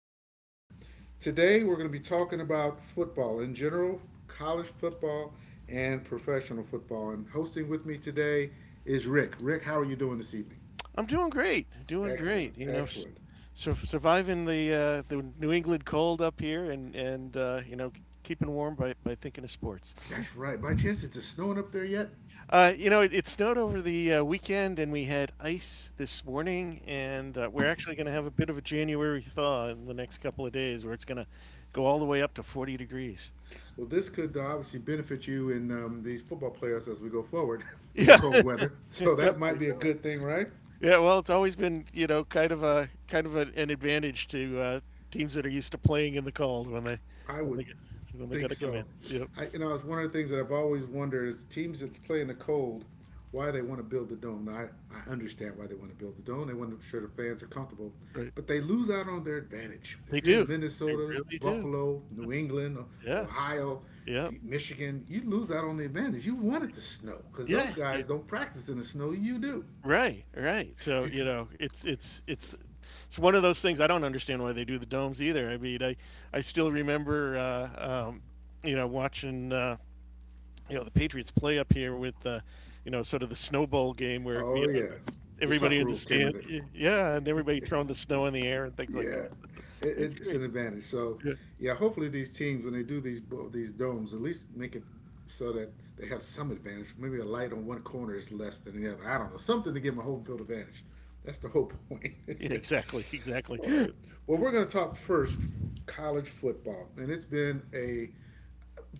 podcast. Today, we're going to be talking about football in general, college football, and professional football. And hosting with me today is Rick. Rick, how are you doing this evening? I'm doing great, doing Excellent, great. Excellent. Surviving the the New England cold up here, and keeping warm by thinking of sports. That's right. By chance, is it snowing up there yet? It snowed over the weekend, and we had ice this morning, and we're actually going to have a bit of a January thaw in the next couple of days, where it's going to go all the way up to 40 degrees. Well, this could obviously benefit you in these football playoffs as we go forward with the Yeah, cold weather. So that might definitely. be a No. good thing, right? Yeah, well, it's always been kind of an advantage to teams that are used to playing in the cold when they I when would they get, when they got think to come in. so. Yep, I it's one of the things that I've always wondered is teams that play in the cold, why they want to build the dome. Now, I understand why they want to build the dome. They want to make sure the fans are comfortable, right. but they lose out on their advantage. They If you're in do. They Minnesota, really do. Buffalo, New England, Yeah, Ohio. yeah, Michigan, you lose out on the advantage. You wanted the snow because those yeah. Yeah. guys don't practice in the snow. You do. Right, right. So it's one of those things. I don't understand why they do the domes either. I mean, I still remember watching. The Patriots play up here with the, sort of the snowball game where Oh yeah, that's the everybody tuck in the rule came stand. into Yeah, and everybody throwing the snow in the air and things like yeah, that, it, it's it's great. an advantage. So Yeah, yeah, hopefully these teams when they do these domes, at least make it so that they have some advantage. Maybe a light on one corner is less than the other. I don't know. Something to give them a home field advantage. That's the whole point. yeah, exactly. Exactly. All Hmm. right. Well, we're going to talk first college football, and it's been a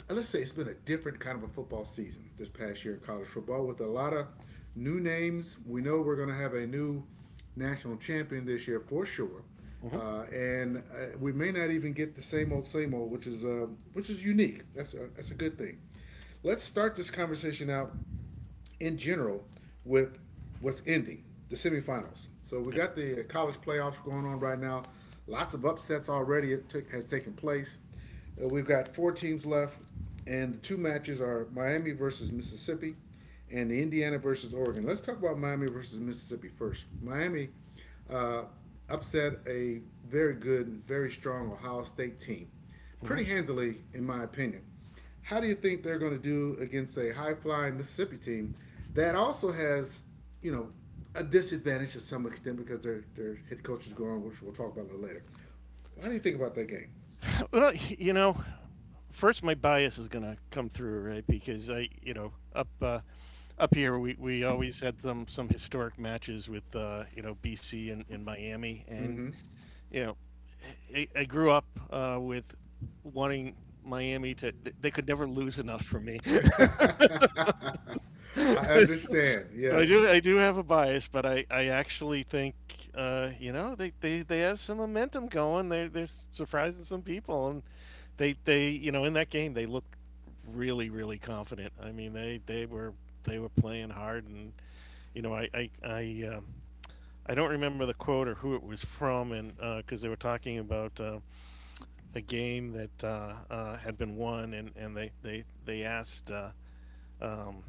let's say it's been a different kind of a football season this past year in college football with a lot of new names. We know we're going to have a new national champion this year for sure, and we may not even get the same old, which is unique. That's a good thing. Let's start this conversation out in general with what's ending the semifinals. So we got the college playoffs going on right now. Lots of upsets has taken place. We've got four teams left, and the two matches are Miami versus Mississippi and the Indiana versus Oregon. Let's talk about Miami versus Mississippi first. Miami upset a very good, and very strong Ohio State team, Hmm. pretty handily, in my opinion. How do you think they're going to do against a high flying Mississippi team that also has, you know, a disadvantage to some extent because their head coach is gone, which we'll talk about a little later. What do you think about that game? Well, first my bias is going to come through, right? Because I, up here we always had some historic matches with BC and miami. And you know, I, I grew up with wanting Miami to. They could never lose enough for me. I so, understand. so, I Yes, do. I do have a bias, but I actually think they have some momentum going. They're surprising some people, and they in that game they looked really really confident. I mean they were playing hard, and you know I I I, um, I don't remember the quote or who it was from, and because they were talking about. A game that had been won, and they asked um,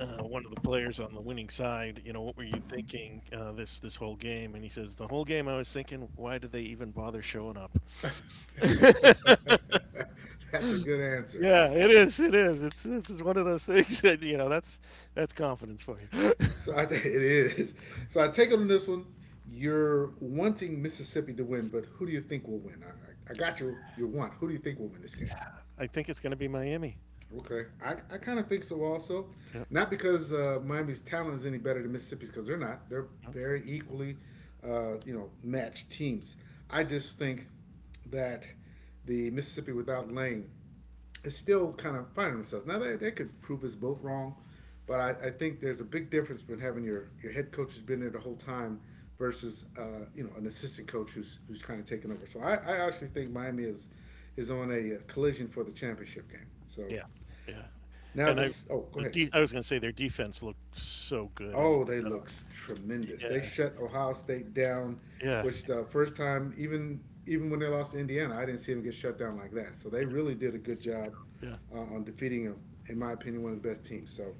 one of the players on the winning side, "What were you thinking this this whole game?" And he says, "The whole game I was thinking, why did they even bother showing up?" Yeah, that's a good answer. it is, it is. It's one of those things that that's confidence for you. So it is. So I take it on this one. You're wanting Mississippi to win, but who do you think will win? I got your want. Who do you think will win this game? I think it's going to be Miami. Okay, I kind of think so also. Yeah, Not because Miami's talent is any better than Mississippi's, because they're not. They're very equally, you know, matched teams. I just think that the Mississippi without Lane is still kind of finding themselves. Now that could prove us both wrong, but I think there's a big difference between having your head coach who's been there the whole time versus you know an assistant coach who's kind of taken over. So I actually think Miami is on a collision for the championship game. So yeah, yeah. now And I. this oh go ahead. I was going to say their defense looked so good, and Oh, they look tremendous. They yeah, shut Ohio State down, yeah, which the first time, even when they lost to Indiana, I didn't see them get shut down like that. So they really did a good job yeah. On defeating, a, in my opinion, one of the best teams. So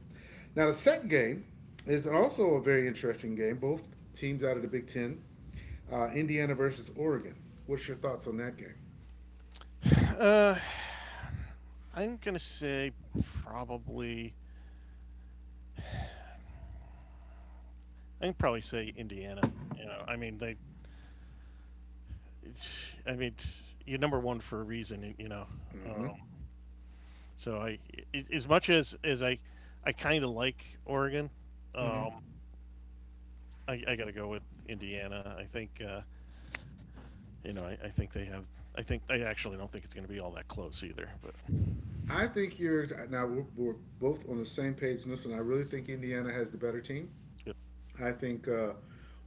now the second game is also a very interesting game. Both teams out of the Big Ten, Indiana versus Oregon. What's your thoughts on that game? Uh, I'm gonna say probably. I can probably say Indiana. I mean they. I mean, you're #1 for a reason. Um, so I, as much as I, kind of like Oregon. Um, I gotta go with Indiana. I think you know. I think they have. I actually don't think it's gonna be all that close either. But I think you're now we're both on the same page in this one. I really think Indiana has the better team. yep. I think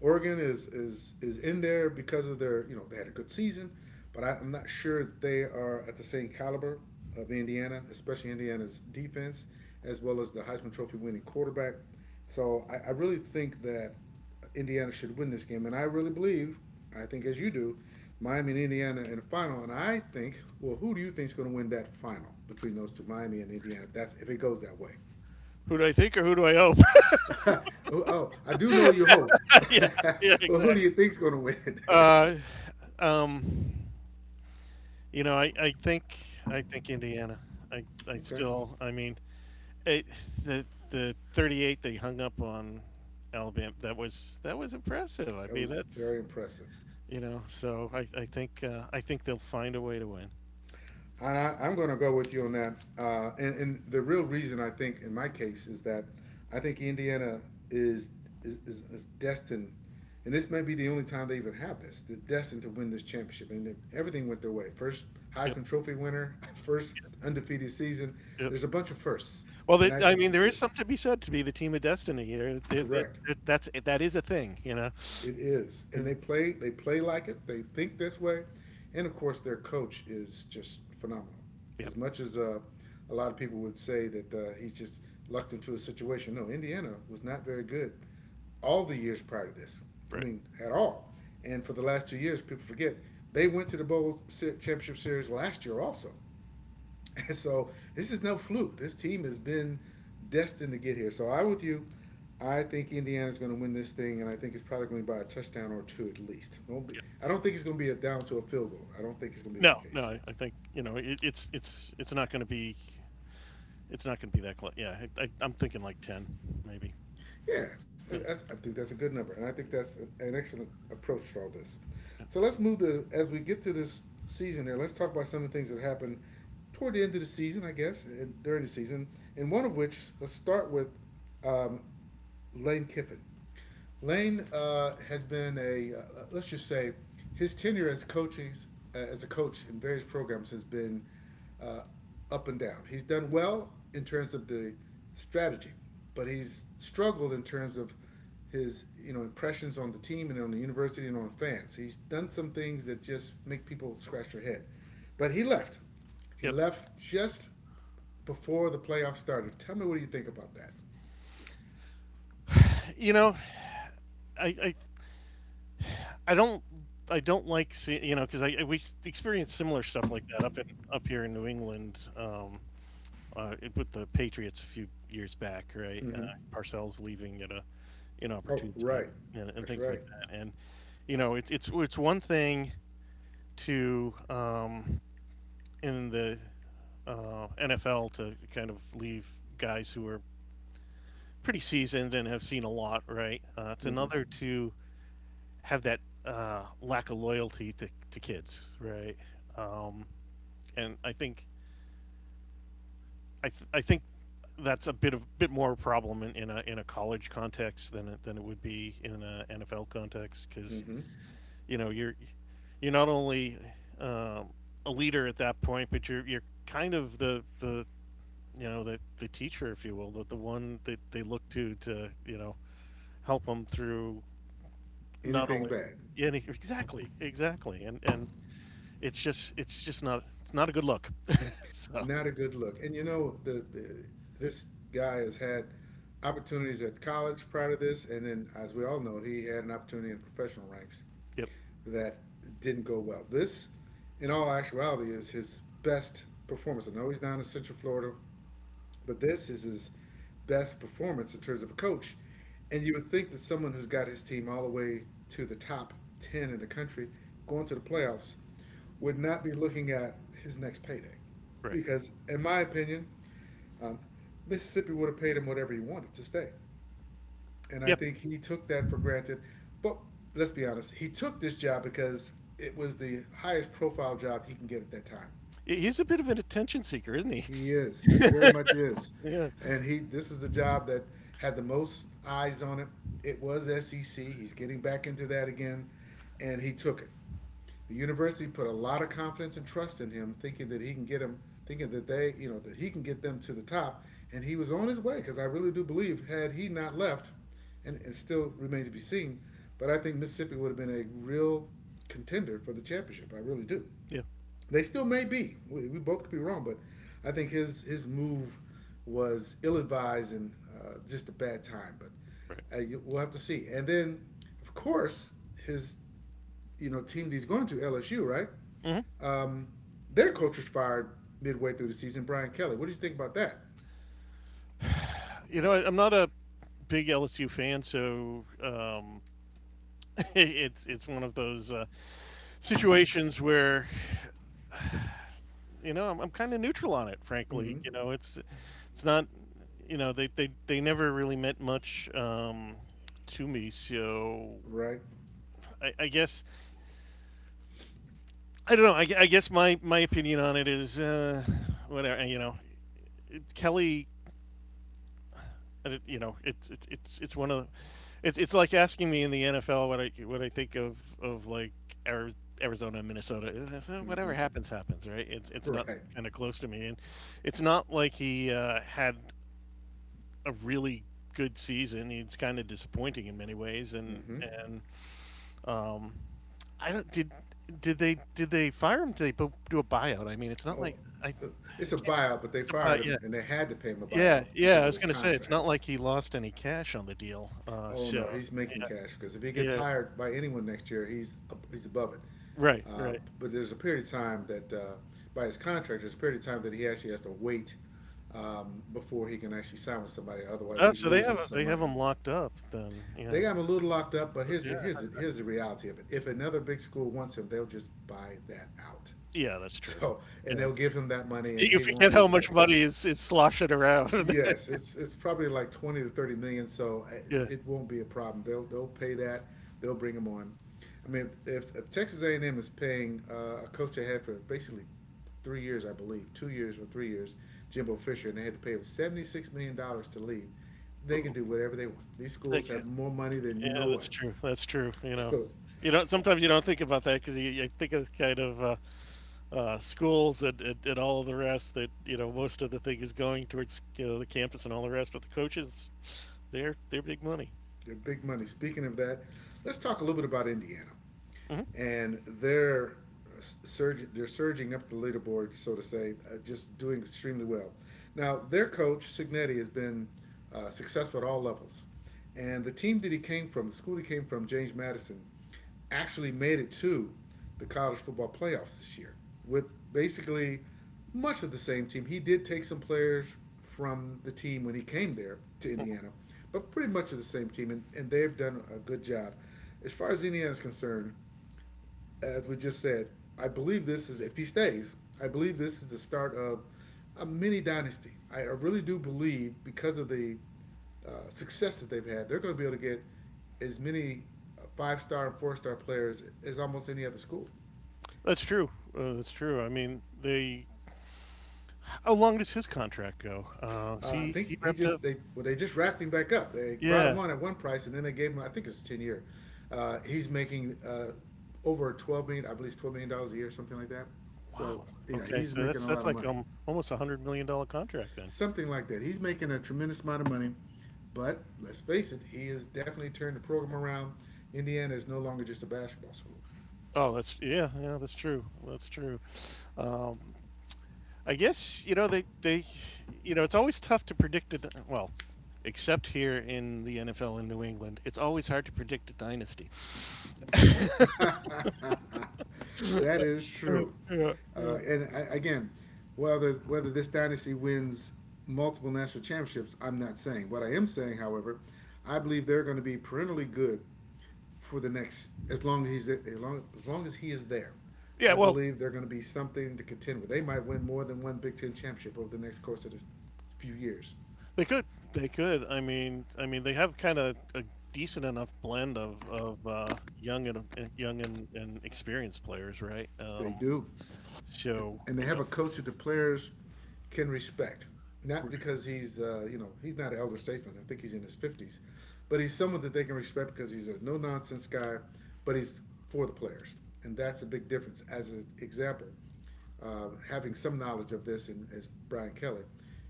Oregon is in there because of their you know they had a good season, but I'm not sure that they are at the same caliber of Indiana, especially Indiana's defense as well as the Heisman Trophy winning quarterback. So I really think that Indiana should win this game, and I really believe, I think as you do, Miami and Indiana in the final. And I think, well, who do you think is going to win that final between those two, Miami and Indiana? If that's if it goes that way. Who do I think or who do I hope? oh, oh, I do know you hope. Yeah, yeah, well, who do exactly. you think's going to win? Uh, um, You know, I, I think I think Indiana. I okay, still I mean it, the the 38 they hung up on Alabama, that was impressive. I that mean was that's, very impressive. you know so I think they'll find a way to win. And I'm going to go with you on that. And the real reason I think in my case is that I think Indiana is is destined, and this may be the only time they even have this. They're destined to win this championship, and everything went their way. First Yep. Heisman Trophy winner, first Yep. undefeated season. Yep. There's a bunch of firsts, Well, and th I I think mean that's there is it. something to be said to be the team of destiny here. It, it, Correct. it, that's that is a thing. You know. It is, Yeah. and they play like it. They think this way, and of course their coach is just phenomenal. Yep. As much as a lot of people would say that he's just lucked into a situation, no, Indiana was not very good all the years prior to this. I Right. mean, at all. And for the last 2 years, people forget they went to the bowl championship series last year also. And so this is no fluke. This team has been destined to get here. So I'm with you. I think Indiana's going to win this thing, and I think it's probably going to be by a touchdown or two at least. Won't be, Yep. I don't think it's going to be a down to a field goal. I don't think it's going to be that No, no. case. I think it, it's not going to be that close. Yeah, I'm thinking like 10, maybe. Yeah, Yeah. that's, I think that's a good number, and I think that's an excellent approach to all this. So let's move to as we get to this season here. Let's talk about some of the things that happened toward the end of the season, I guess, and during the season, and one of which let's start with um, Lane Kiffin. Lane has been a let's just say his tenure as coaches as a coach in various programs has been uh, up and down. He's done well in terms of the strategy, but he's struggled in terms of his you know impressions on the team and on the university and on the fans. He's done some things that just make people scratch their head. But he left. He Yep. left just before the playoffs started. Tell me what do you think about that? You know, I, I I don't I don't like seeing because we experienced similar stuff like that up here in New England with the Patriots a few years back, right? Mm-hmm. Parcells leaving at a Oh, inopportune time right. and That's things like right. that. And it's one thing to in the NFL to kind of leave guys who are pretty seasoned and have seen a lot, right? It's hmm another to have that lack of loyalty to kids, right? Um, and I think that's a bit more a problem in a college context than it would be in a NFL context, because hmm you know you're you're not only um, a leader at that point, but you're kind of the teacher, if you will, the one that they look to help them through, not Anything only. bad. Yeah, exactly, exactly, and it's not a good look. So, Not a good look. And you know, the this guy has had opportunities at college prior to this, and then, as we all know, he had an opportunity in professional ranks yep, that didn't go well. This, in all actuality, is his best performance. I know he's down in Central Florida. But this is his best performance in terms of a coach. And you would think that someone who's got his team all the way to the top 10 in the country going to the playoffs would not be looking at his next payday. right. Because, in my opinion, Mississippi would have paid him whatever he wanted to stay. And I Yep, think he took that for granted. But let's be honest, he took this job because it was the highest profile job he can get at that time. he's a bit of an attention seeker, isn't he? He is. He very much is. Yeah, And he this is the job that had the most eyes on it. It was SEC. He's getting back into that again, and he took it. The university put a lot of confidence and trust in him, thinking that he can get him, thinking that they, you know, that he can get them to the top. And he was on his way because I really do believe had he not left, and it still remains to be seen, but I think Mississippi would have been a real contender for the championship. I really do. yeah, They still may be. We both could be wrong, but I think his move was ill advised and just a bad time. But right. We'll have to see. And then, of course, his you know team that he's going to LSU, right? Hmm. Their coach was fired midway through the season. Brian Kelly. What do you think about that? I'm not a big LSU fan, so it's one of those situations where I'm kind of neutral on it. Frankly, it's not, they never really meant much to me, so Right, I guess I don't know. I guess my opinion on it is whatever. Kelly. It's one of the. It's like asking me in the NFL what I think of like Arizona and Minnesota. So whatever happens, happens, right? It's not right. kind of close to me, and it's not like he had a really good season. It's kind of disappointing in many ways, and Um, I don't did they fire him? Did they do a buyout? I mean, it's not Oh, like I it's a can't remember. buyout, but If they it's a buy- fired Yeah, him and they had to pay him a yeah, buyout yeah. I because of was his gonna say it's contract. not like he lost any cash on the deal. Oh no, So he's making cash because if he yeah, gets yeah, hired by anyone next year, he's above it. right, Uh, right. but there's a period of time that by his contract, there's a period of time that he actually has to wait, before he can actually sign with somebody. Otherwise, Oh, he so they loses have some they have money. him locked up then. They Yes, got him a little locked up, but here's the, yeah, here's the, here's the reality of it. If another big school wants him, they'll just buy that out. yeah. That's true. So Yeah, and they'll give him that money, and you he won't forget lose how a much thing. money is sloshing around. Yes, it's probably like 20 to 30 million, so it, Yeah. it won't be a problem. They'll pay that. They'll bring him on. I mean, if Texas A and M is paying a coach they had for basically 3 years, I believe, 2 years or 3 years, Jimbo Fisher, and they had to pay him $76 million to leave, they can Ooh, do whatever they want. These schools okay. have more money than you Yeah, know that's what. true. That's true. You don't. Sometimes you don't think about that because you think of kind of schools and all of the rest. That most of the thing is going towards the campus and all the rest. But the coaches, they're big money. They're big money. Speaking of that, let's talk a little bit about Indiana, Hmm. and they're surging up the leaderboard, so to say, just doing extremely well. Now, their coach Signetti has been successful at all levels, and the team that he came from, the school he came from, James Madison, actually made it to the college football playoffs this year with basically much of the same team. He did take some players from the team when he came there to Indiana, but pretty much of the same team, and they've done a good job. As far as Indiana's concerned, as we just said, I believe this is if he stays. I believe this is the start of a mini dynasty. I really do believe because of the success that they've had, they're going to be able to get as many five star and four-star players as almost any other school. That's true. That's true. I mean, they. How long does his contract go? Is I he think he wrapped just, up? they well they just wrapped him back up. They brought him Yeah. on at one price and then they gave him I think it's 10 year. He's making over 12 million, I believe $12 million a year, something like that. So Wow. yeah, Okay. he's So making that's a lot that's of like money. Almost $100 million contract then. Something like that. He's making a tremendous amount of money, but let's face it, he has definitely turned the program around. Indiana is no longer just a basketball school. Oh, that's yeah, yeah. That's true. That's true. Um, I guess they it's always tough to predict it. Well, except here in the NFL in New England, it's always hard to predict a dynasty. That is Yeah, true. yeah. And again, whether this dynasty wins multiple national championships, I'm not saying. What I am saying, however, I believe they're going to be perennially good for the next as long as he's, as long as long as he is there. Yeah, I well, believe they're going to be something to contend with. They might win more than one Big Ten championship over the next course of the few years. they could they could. I mean they have kind of a decent enough blend of young and experienced players, right? They do, and, So, and they have a coach that the players can respect. Not right. because he's, you know, he's not an elder statesman. I think he's in his fifties, but he's someone that they can respect because he's a no nonsense guy. But he's for the players, and that's a big difference. As an example, having some knowledge of this, and as Brian Kelly,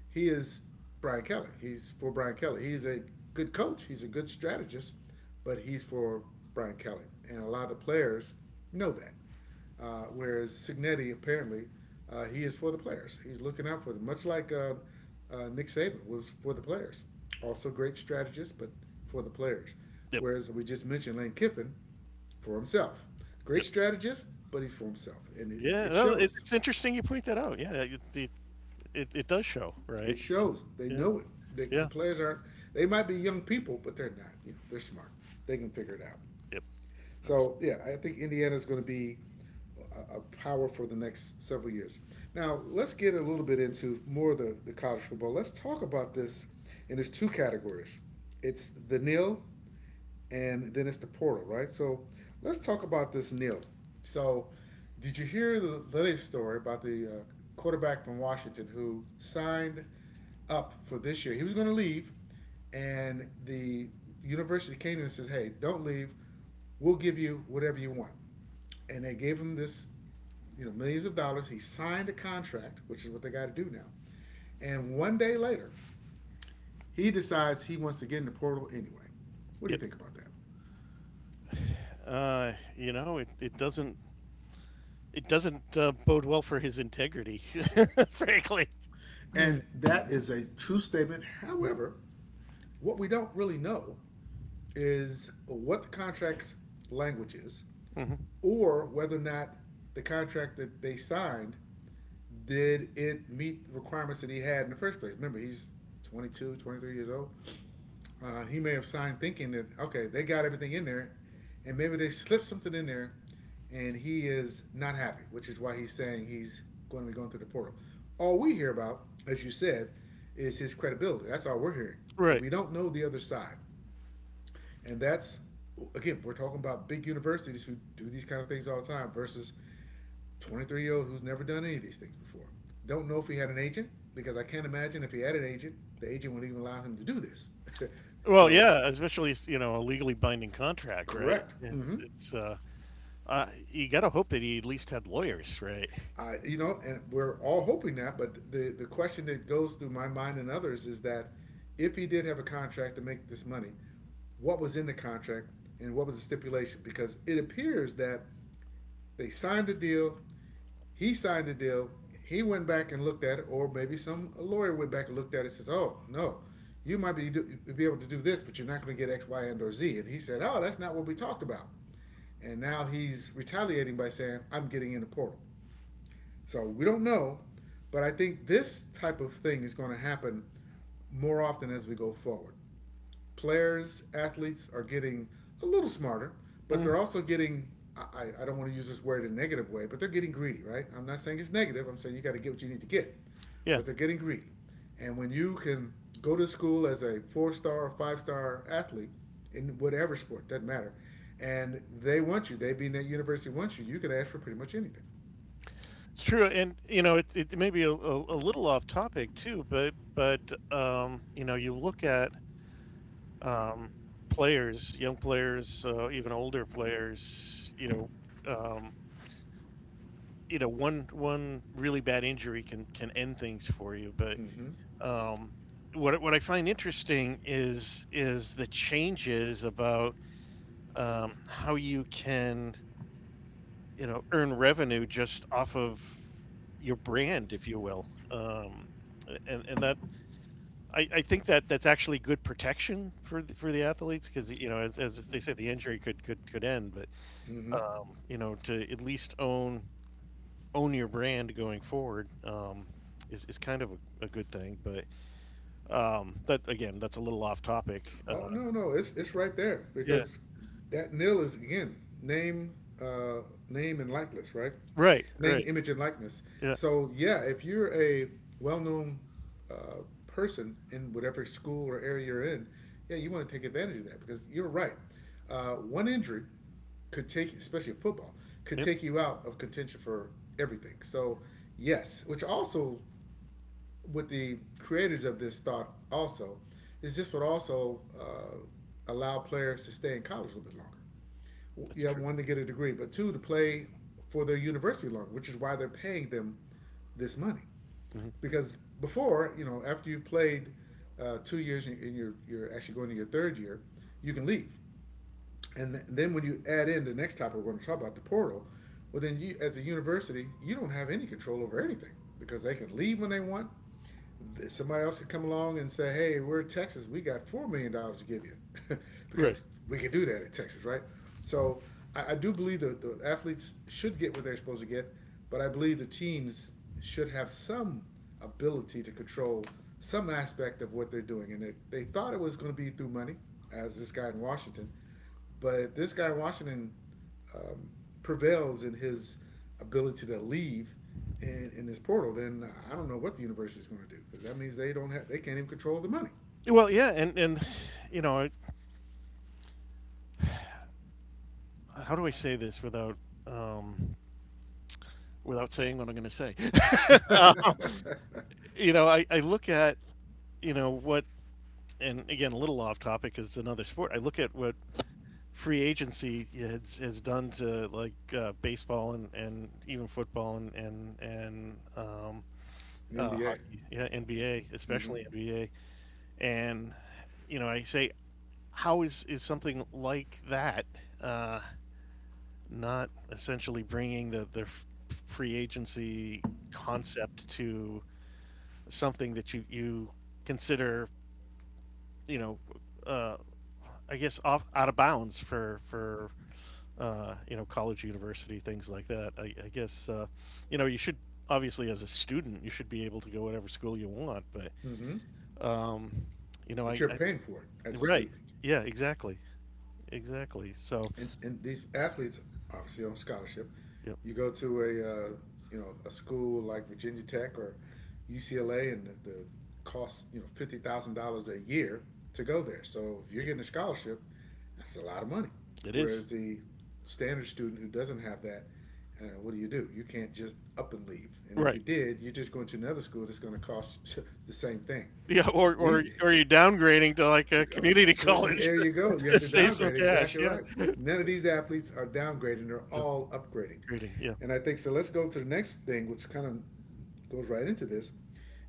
he is Brian Kelly. He's for Brian Kelly. He's a good coach. He's a good strategist, but he's for Brian Kelly, and a lot of the players know that. Whereas Signetti, apparently, he is for the players. He's looking out for them, much like Nick Saban was for the players. Also great strategist, but for the players. Yep, Whereas we just mentioned Lane Kiffin for himself. Great yep, strategist, but he's for himself. And yeah. it Well, it, shows. it's interesting you point that out. Yeah, it does show, It right? Yeah. shows. They Yeah. know it. They, the Yeah. players aren't, they might be young people, but they're not. You know, they're smart. They can figure it out. Yep. So yeah, I think Indiana is going to be a power for the next several years. Now let's get a little bit into more of the college football. Let's talk about this, and there's two categories. It's the nil and then it's the portal, right? So let's talk about this Neil. So, did you hear the latest story about the quarterback from Washington who signed up for this year? He was going to leave, and the university came to him and said, "Hey, don't leave. We'll give you whatever you want." And they gave him this, you know, millions of dollars. He signed a contract, which is what they got to do now. And one day later, he decides he wants to get in the portal anyway. What do you Yep. think about that? Uh, you know, it, it doesn't it doesn't bode well for his integrity, frankly. And that is a true statement. However, what we don't really know is what the contract's language is, Hmm. or whether or not the contract that they signed did it meet the requirements that he had in the first place. Remember, he's 22, 23 years old. He may have signed thinking that okay, they got everything in there, and maybe they slipped something in there, and he is not happy, which is why he's saying he's going to be going through the portal. All we hear about, as you said, is his credibility. That's all we're hearing, but Right. we don't know the other side, and that's again, we're talking about big universities who do these kind of things all the time versus 23-year-old who's never done any of these things before. Don't know if he had an agent because I can't imagine if he had an agent, the agent wouldn't even allow him to do this. Well, So yeah, especially a legally binding contract, right? correct. Mm. It's You gotta hope that he at least had lawyers, right? You know, and we're all hoping that. But the question that goes through my mind and others is that if he did have a contract to make this money, what was in the contract and what was the stipulation? Because it appears that they signed a deal. He signed a deal. He went back and looked at it, or maybe some a lawyer went back and looked at it and says, "Oh no, you might be able to do this, but you're not going to get X, Y, and or Z." And he said, "Oh, that's not what we talked about." And now he's retaliating by saying, "I'm getting in the portal." So we don't know, but I think this type of thing is going to happen more often as we go forward. Players, athletes are getting a little smarter, but they're Mm, also getting. I don't want to use this word in a negative way, but they're getting greedy, right? I'm not saying it's negative. I'm saying you got to get what you need to get, yeah, but they're getting greedy. And when you can go to school as a four star or five-star athlete in whatever sport, doesn't matter, and they want you, they being that university wants you, you can ask for pretty much anything. it's true, and it may be a little off topic too, but you look at um, players, young players, even older players. Um, one really bad injury can end things for you, but Mm-hmm. um what I find interesting is the changes about how you can earn revenue just off of your brand, if you will, and that I think that's actually good protection for the athletes because as they say the injury could end, but Mm-hmm. To at least own your brand going forward is kind of a good thing. But that again, that's a little off topic. Oh no, no, it's right there Yeah. because that nil is again name, uh, name and likeness, right? Right. Name, Right. image, and likeness. Yeah. So yeah, if you're a well-known person in whatever school or area you're in, yeah, you want to take advantage of that because you're right. One injury could take, especially in football, could Yep. take you out of contention for everything. So yes, which also with the creators of this thought also is this would also allow players to stay in college a little bit longer. That's Yeah, true. one to get a degree, but two to play for their university longer, which is why they're paying them this money. Hmm. Because before, you know, after you've played 2 years and you're actually going to your third year, you can leave. And then when you add in the next topic we're going to talk about, the portal, well, then you as a university, you don't have any control over anything because they can leave when they want, somebody else could come along and say, "Hey, we're Texas. We got $4 million to give you," Right. because we can do that at Texas, right? So I do believe that the athletes should get what they're supposed to get, but I believe the teams should have some ability to control some aspect of what they're doing. And they thought it was going to be through money, as this guy in Washington. But if this guy in Washington prevails in his ability to leave in this portal, then I don't know what the universe is going to do because that means they don't have, they can't even control the money, Well, yeah, and you know, I- how do I say this um, without saying what I'm going to say? Um, I look at you know what, and again, a little off topic is another sport. I look at what free agency has done to like baseball and even football and and and um, the uh, NBA. hockey, yeah, NBA, especially NBA. And I say, how is something like that uh, not essentially bringing the free agency concept to something that you consider, you know, uh, I guess off out of bounds for college, university, things like that. I guess, you should obviously as a student, you should be able to go whatever school you want, but, um, you know, But you're I paying for it as a right. student. Yeah, exactly. Exactly. So, And these athletes obviously on scholarship. yep, You go to a you know a school like Virginia Tech or UCLA, and the cost you know $50,000 a year to go there. So if you're yep, getting a scholarship, that's a lot of money. it is. Whereas the standard student who doesn't have that, what do? You can't just up and leave. And if you Right. did, you're just going to another school that's going to cost the same thing. Yeah, or, or, These, or you're downgrading to like a community college there you go. You have to to save some downgrade. cash. Exactly Yeah. right. None of So, these athletes are downgrading. They're yeah, all upgrading. grading. Yeah. And I think so. Let's go to the next thing, which kind of goes right into this,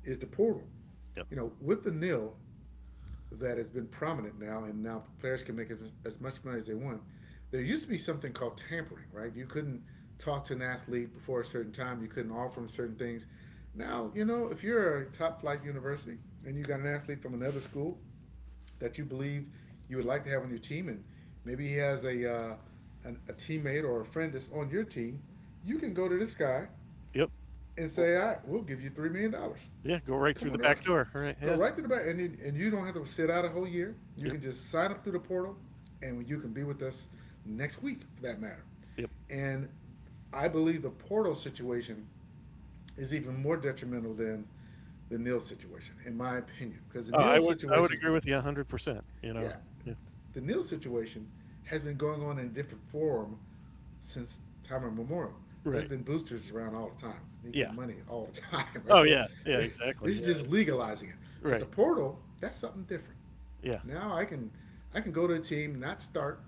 is the portal. Yep. You know, with the nil that has been prominent now, and now players can make as much money as they want. There used to be something called tampering, right? You couldn't talk to an athlete before a certain time. You couldn't offer them certain things. Now, you know, if you're a top flight university and you got an athlete from another school that you believe you would like to have on your team, and maybe he has a a teammate or a friend that's on your team, you can go to this guy Yep. and Or- say, "I we'll give you $3 million. Yeah. Go right Come through on the to our back school. door. Right. Go Yeah. right to the back, and you don't have to sit out a whole year. You Yep. can just sign up through the portal, and you can be with us next week, for that matter." Yep. And I believe the portal situation is even more detrimental than the Neal situation, in my opinion, because the Neal I situation would has agree been with you 100%, you know? yeah, Yeah. the Neil situation has been going on in a different form since time immemorial. There's Right. been boosters around all the time. They get Yeah. money all the time, right? Oh So yeah. Yeah, this exactly. is just Yeah. legalizing it. But the Right. portal, that's something different. Yeah. Now I can go to a team, not start,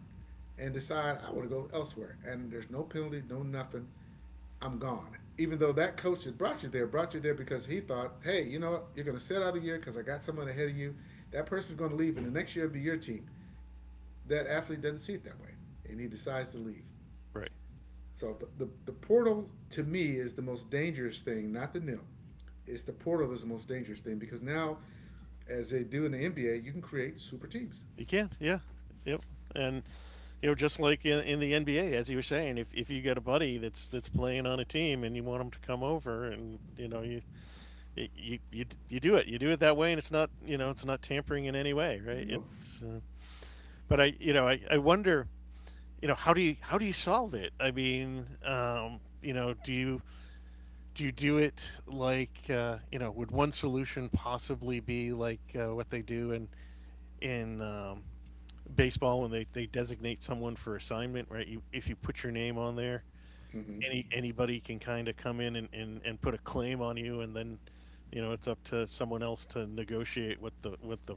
and decide I want to go elsewhere. And there's no penalty, no nothing. I'm gone. Even though that coach that brought you there because he thought, hey, you know what? You're going to sit out a year because I got someone ahead of you. That person's going to leave, and the next year it'll be your team. That athlete doesn't see it that way, and he decides to leave. Right. So the portal to me is the most dangerous thing, not the nil. It's the portal that's the most dangerous thing because now, as they do in the NBA, you can create super teams. You can. Yeah. Yep. And just like in the NBA, as you were saying, if you got a buddy that's playing on a team and you want them to come over, and you do it that way, and it's not it's not tampering in any way, right? Nope. It's, but I I wonder, how do you solve it? I mean, do you do you do it like Would one solution possibly be like what they do in baseball when they designate someone for assignment, right? You, if you put your name on there, Mm-hmm. Anybody can kind of come in and put a claim on you, and then it's up to someone else to negotiate what the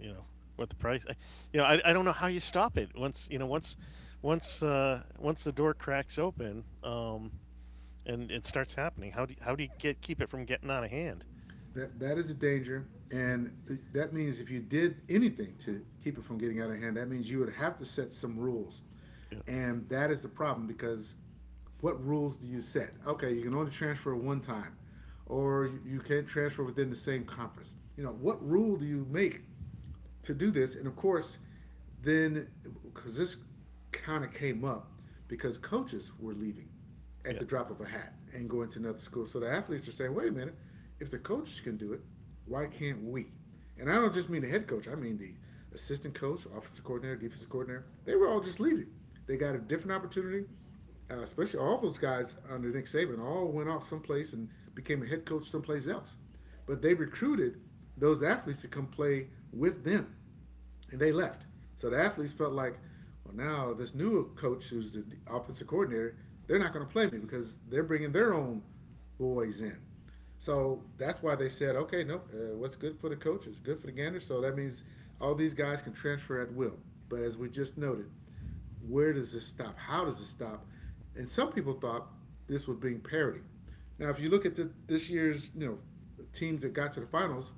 you know what the price. I don't know how you stop it once once the door cracks open. And it starts happening. How do you get keep it from getting out of hand? That is a danger, and that means if you did anything to keep it from getting out of hand, that means you would have to set some rules, Yeah, and that is the problem because what rules do you set? Okay, you can only transfer one time, or you can't transfer within the same conference. You know, what rule do you make to do this. And of course, then because this kind of came up because coaches were leaving yeah, at the drop of a hat and going to another school. So the athletes are saying, wait a minute, if the coaches can do it, why can't we? And I don't just mean the head coach, I mean the assistant coach, offensive coordinator, defensive coordinator. They were all just leaving. They got a different opportunity especially all those guys under Nick Saban, all went off someplace and became a head coach someplace else. But they recruited those athletes to come play with them, and they left. So the athletes felt like, well, now this new coach, who's the offensive coordinator, they're not going to play me because they're bringing their own boys in. So that's why they said, okay, nope, what's good for the coach is good for the gander. So that means all these guys can transfer at will. But as we just noted, where does this stop? How does it stop? And some people thought this would bring parity. Now, if you look at this year's, you know, teams that got to the finals,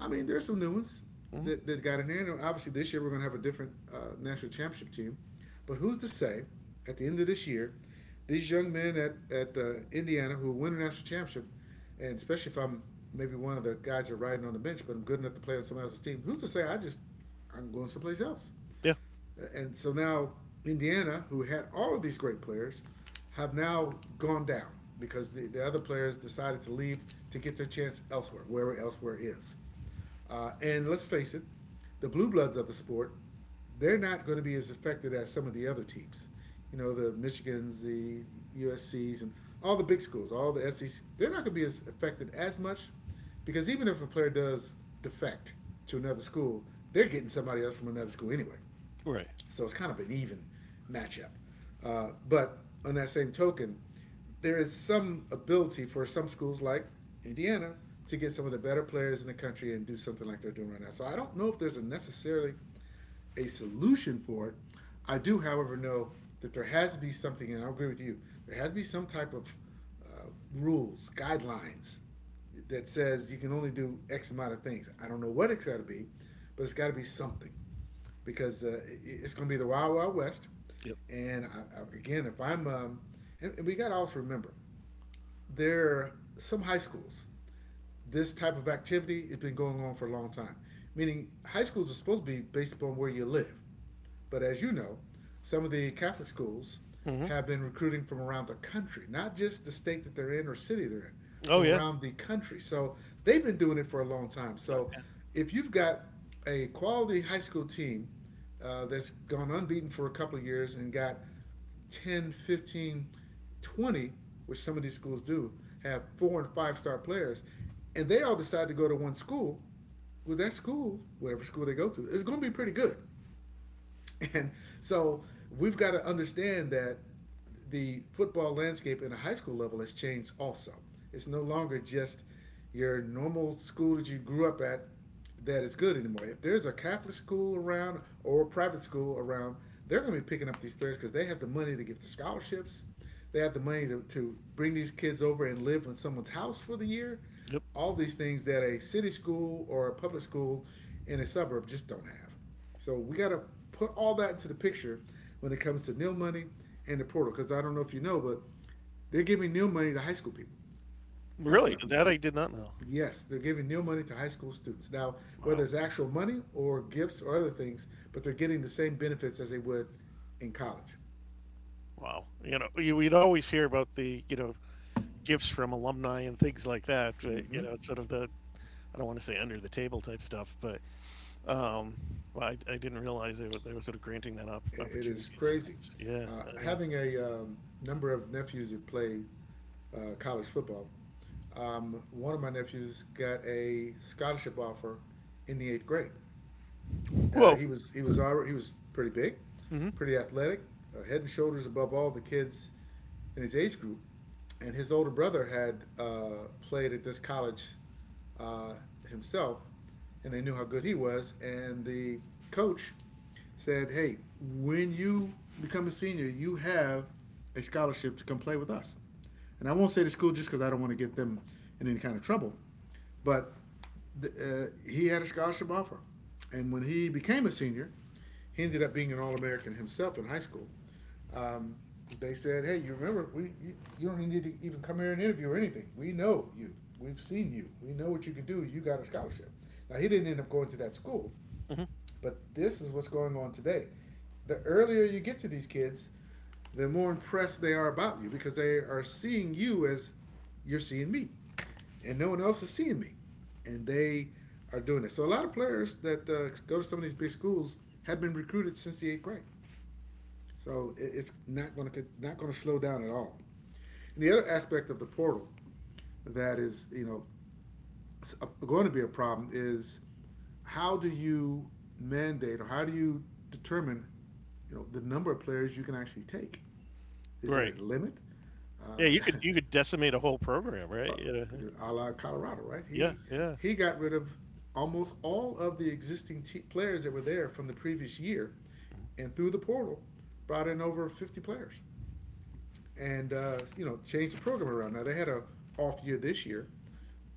I mean, there's some new ones hmm that got in here. And obviously, this year we're going to have a different national championship team. But who's to say, at the end of this year, these young men at Indiana who win a national championship, and especially if I'm maybe one of the guys that are riding on the bench, but I'm good enough to play on somebody else's team, who's to say I'm going someplace else? yeah. And so now Indiana, who had all of these great players, have now gone down because the other players decided to leave to get their chance elsewhere, wherever elsewhere is. And let's face it, the blue bloods of the sport, they're not going to be as affected as some of the other teams. You know, the Michigans, the USCs, and all the big schools, all the SECs, they're not going to be as affected as much because even if a player does defect to another school, they're getting somebody else from another school anyway. Right. So it's kind of an even matchup. But on that same token, there is some ability for some schools like Indiana to get some of the better players in the country and do something like they're doing right now. So I don't know if there's a necessarily a solution for it. I do, however, know that there has to be something, and I agree with you. There has to be some type of uh, rules, guidelines that says you can only do X amount of things. I don't know what it's got to be, but it's got to be something because it's going to be the Wild Wild West. Yep. And again, if I'm, and we got to also remember, there are some high schools, this type of activity has been going on for a long time. Meaning, high schools are supposed to be based upon where you live. But as you know, some of the Catholic schools Hmm. have been recruiting from around the country, not just the state that they're in or city they're in, Oh from yeah. around the country. So they've been doing it for a long time. So Yeah. if you've got a quality high school team that's gone unbeaten for a couple of years and got 10, 15, 20, which some of these schools do, have four and five star players, and they all decide to go to one school, well, that school, whatever school they go to, is going to be pretty good. And so we've got to understand that the football landscape at a high school level has changed also. It's no longer just your normal school that you grew up at that is good anymore. If there's a Catholic school around or a private school around, they're going to be picking up these players because they have the money to give the scholarships. They have the money to bring these kids over and live in someone's house for the year. Yep. All these things that a city school or a public school in a suburb just don't have. So we got to put all that into the picture when it comes to nil money and the portal. Because I don't know if you know, but they're giving nil money to high school people, high school Really, athletes. that I did not know. Yes, they're giving nil money to high school students. Now, whether Wow. it's actual money or gifts or other things, but they're getting the same benefits as they would in college. Wow. You know, we'd always hear about the gifts from alumni and things like that. But, you know, sort of the I don't want to say under the table type stuff, but um, well, I didn't realize they were sort of granting that It is opportunity to crazy. us. Yeah. I, Having a number of nephews that play college football, one of my nephews got a scholarship offer in the eighth grade. Whoa. He was already, he was pretty big, Hmm. pretty athletic, head and shoulders above all the kids in his age group. And his older brother had played at this college uh, himself, and they knew how good he was. And the coach said, "Hey, when you become a senior, you have a scholarship to come play with us." And I won't say the school just because I don't want to get them in any kind of trouble, but he had a scholarship offer. And when he became a senior, he ended up being an All American himself in high school. Um, they said, "Hey, you remember? We you, you don't need to even come here and interview or anything. We know you. We've seen you. We know what you can do. You got a scholarship." Now he didn't end up going to that school, Hmm. but this is what's going on today. The earlier you get to these kids, the more impressed they are about you because they are seeing you as you're seeing me and no one else is seeing me, and they are doing it. So a lot of players that go to some of these big schools have been recruited since the eighth grade. So it's not going to slow down at all. And the other aspect of the portal that is going to be a problem is how do you mandate or how do you determine the number of players you can actually take? Is there Right. a limit? Yeah, Uh, you could decimate a whole program, right? uh, You a la Colorado, right? yeah, He yeah. he got rid of almost all of the existing players that were there from the previous year, and through the portal, brought in over 50 players, and changed the program around. Now they had a off year this year,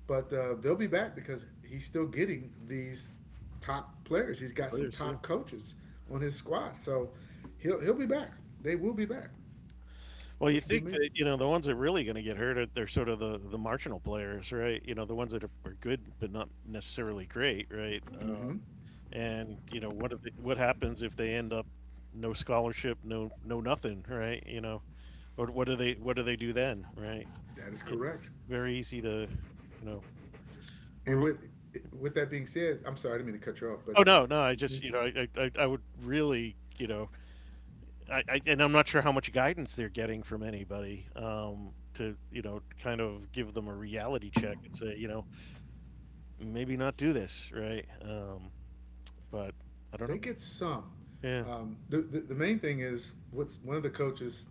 but they'll be back because he's still getting these top players. He's got some Players, yeah. top coaches on his squad, so he'll be back. They will be back, Well, you which would be think that amazing. The ones that are really going to get hurt are they're sort of the marginal players, right? You know, the ones that are good but not necessarily great, right? And you know what are the, what happens if they end up no scholarship, no no nothing, right? You know, or what do they do then, right? That is It's correct. very easy to, you know. And Ru- with that being said, I'm sorry, I didn't mean to cut you off, but oh no, no, I just I would really and I'm not sure how much guidance they're getting from anybody to, you know, kind of give them a reality check and say, you know, maybe not do this, right? But I don't they know. get some. Yeah. The main thing is what's one of the coaches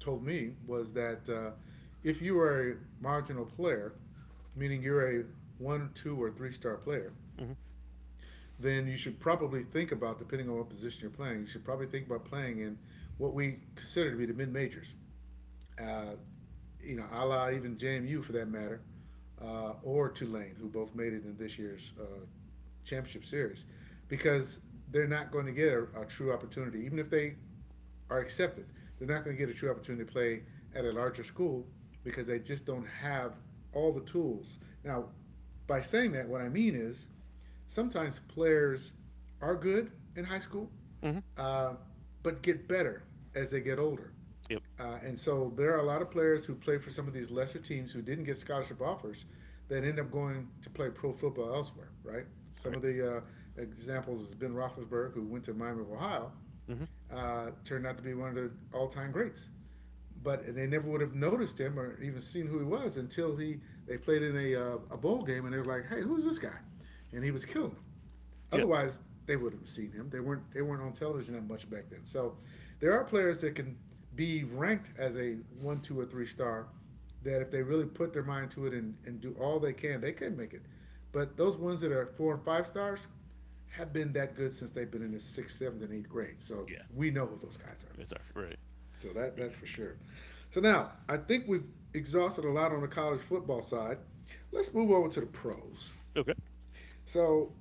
told me was that if you are a marginal player, meaning you're a one, two, or three-star player, Mm-hmm. then you should probably think about, depending on what position you're playing, you should probably think about playing in what we consider to be the mid majors. uh, a la even JMU for that matter, or Tulane, who both made it in this year's championship series, because they're not going to get a true opportunity, even if they are accepted. They're not going to get a true opportunity to play at a larger school because they just don't have all the tools. Now, by saying that, what I mean is sometimes players are good in high school, Mm-hmm. uh, but get better as they get older. Yep. And so there are a lot of players who play for some of these lesser teams who didn't get scholarship offers that end up going to play pro football elsewhere, right? Some Right. of the examples is Ben Roethlisberger, who went to Miami of Ohio, Mm-hmm. Turned out to be one of the all-time greats. But they never would have noticed him or even seen who he was until he they played in a bowl game and they were like, "Hey, who's this guy?" And he was killing them. Yeah. Otherwise, they would have seen him. They weren't on television that much back then. So there are players that can be ranked as a one, two, or three star that if they really put their mind to it and do all they can, they could make it. But those ones that are four and five stars have been that good since they've been in the sixth, seventh, and eighth grade. So Yeah. we know who those guys are. It's all right. Right. So that's for sure. So now I think we've exhausted a lot on the college football side. Let's move over to the pros. Okay. So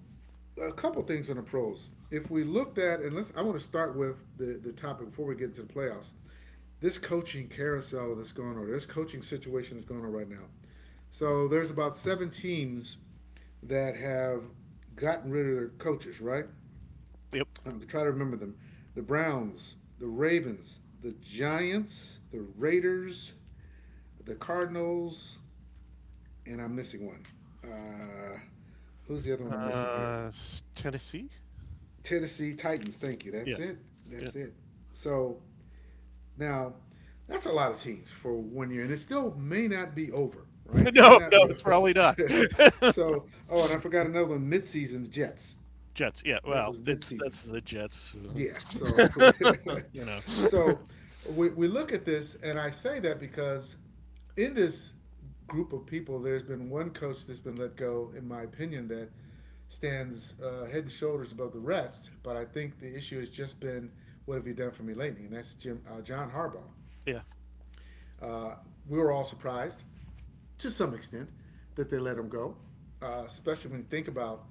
a couple things on the pros. If we looked at, and let's, I want to start with the topic before we get into the playoffs. This coaching carousel that's going on, this coaching situation that's going on right now. So there's about seven teams that have gotten rid of their coaches, right? Yep. I'm trying to remember them. The Browns, the Ravens, the Giants, the Raiders, the Cardinals, and I'm missing one. Uh, Who's the other one I'm missing here? Uh, Tennessee. Tennessee Titans. Thank you. Yeah. That's it. Yeah. That's it. So now, that's a lot of teams for one year, and it still may not be over, right? May no, not no, be it's over. probably not. So, oh, and I forgot another one, midseason the Jets. Jets. Yeah. That Well, was it's midseason. that's the Jets. Yes. So, you know. so we look at this, and I say that because in this group of people, there's been one coach that's been let go, in my opinion, that stands head and shoulders above the rest. But I think the issue has just been, what have you done for me lately? And that's Jim John Harbaugh. Yeah. We were all surprised to some extent that they let him go, especially when you think about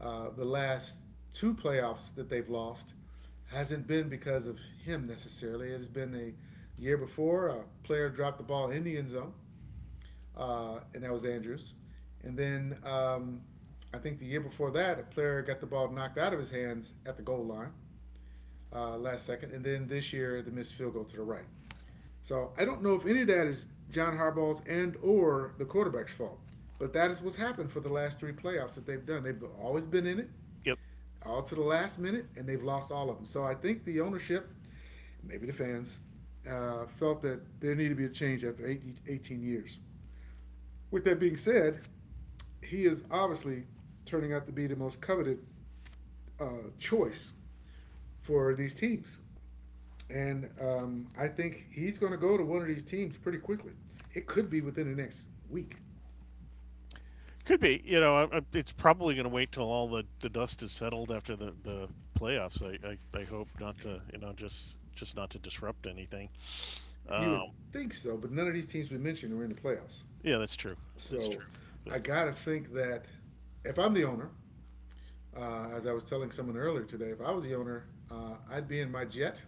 the last two playoffs that they've lost hasn't been because of him necessarily. It's been a year before a player dropped the ball in the end zone, and that was Andrews. And then I think the year before that, a player got the ball knocked out of his hands at the goal line last second. And then this year, the missed field goal to the right. So I don't know if any of that is John Harbaugh's and or the quarterback's fault, but that is what's happened for the last three playoffs that they've done. They've always been in it, Yep. all to the last minute, and they've lost all of them. So I think the ownership, maybe the fans, felt that there needed to be a change after 18 years. With that being said, he is obviously turning out to be the most coveted choice for these teams. And I think he's going to go to one of these teams pretty quickly. It could be within the next week. Could be. You know, it's probably going to wait till all the dust is settled after the playoffs. I hope not to, you know, just not to disrupt anything. You would Um, think so, but none of these teams we mentioned are in the playoffs. yeah, that's true. That's So true. But I got to think that if I'm the owner, as I was telling someone earlier today, if I was the owner, I'd be in my jet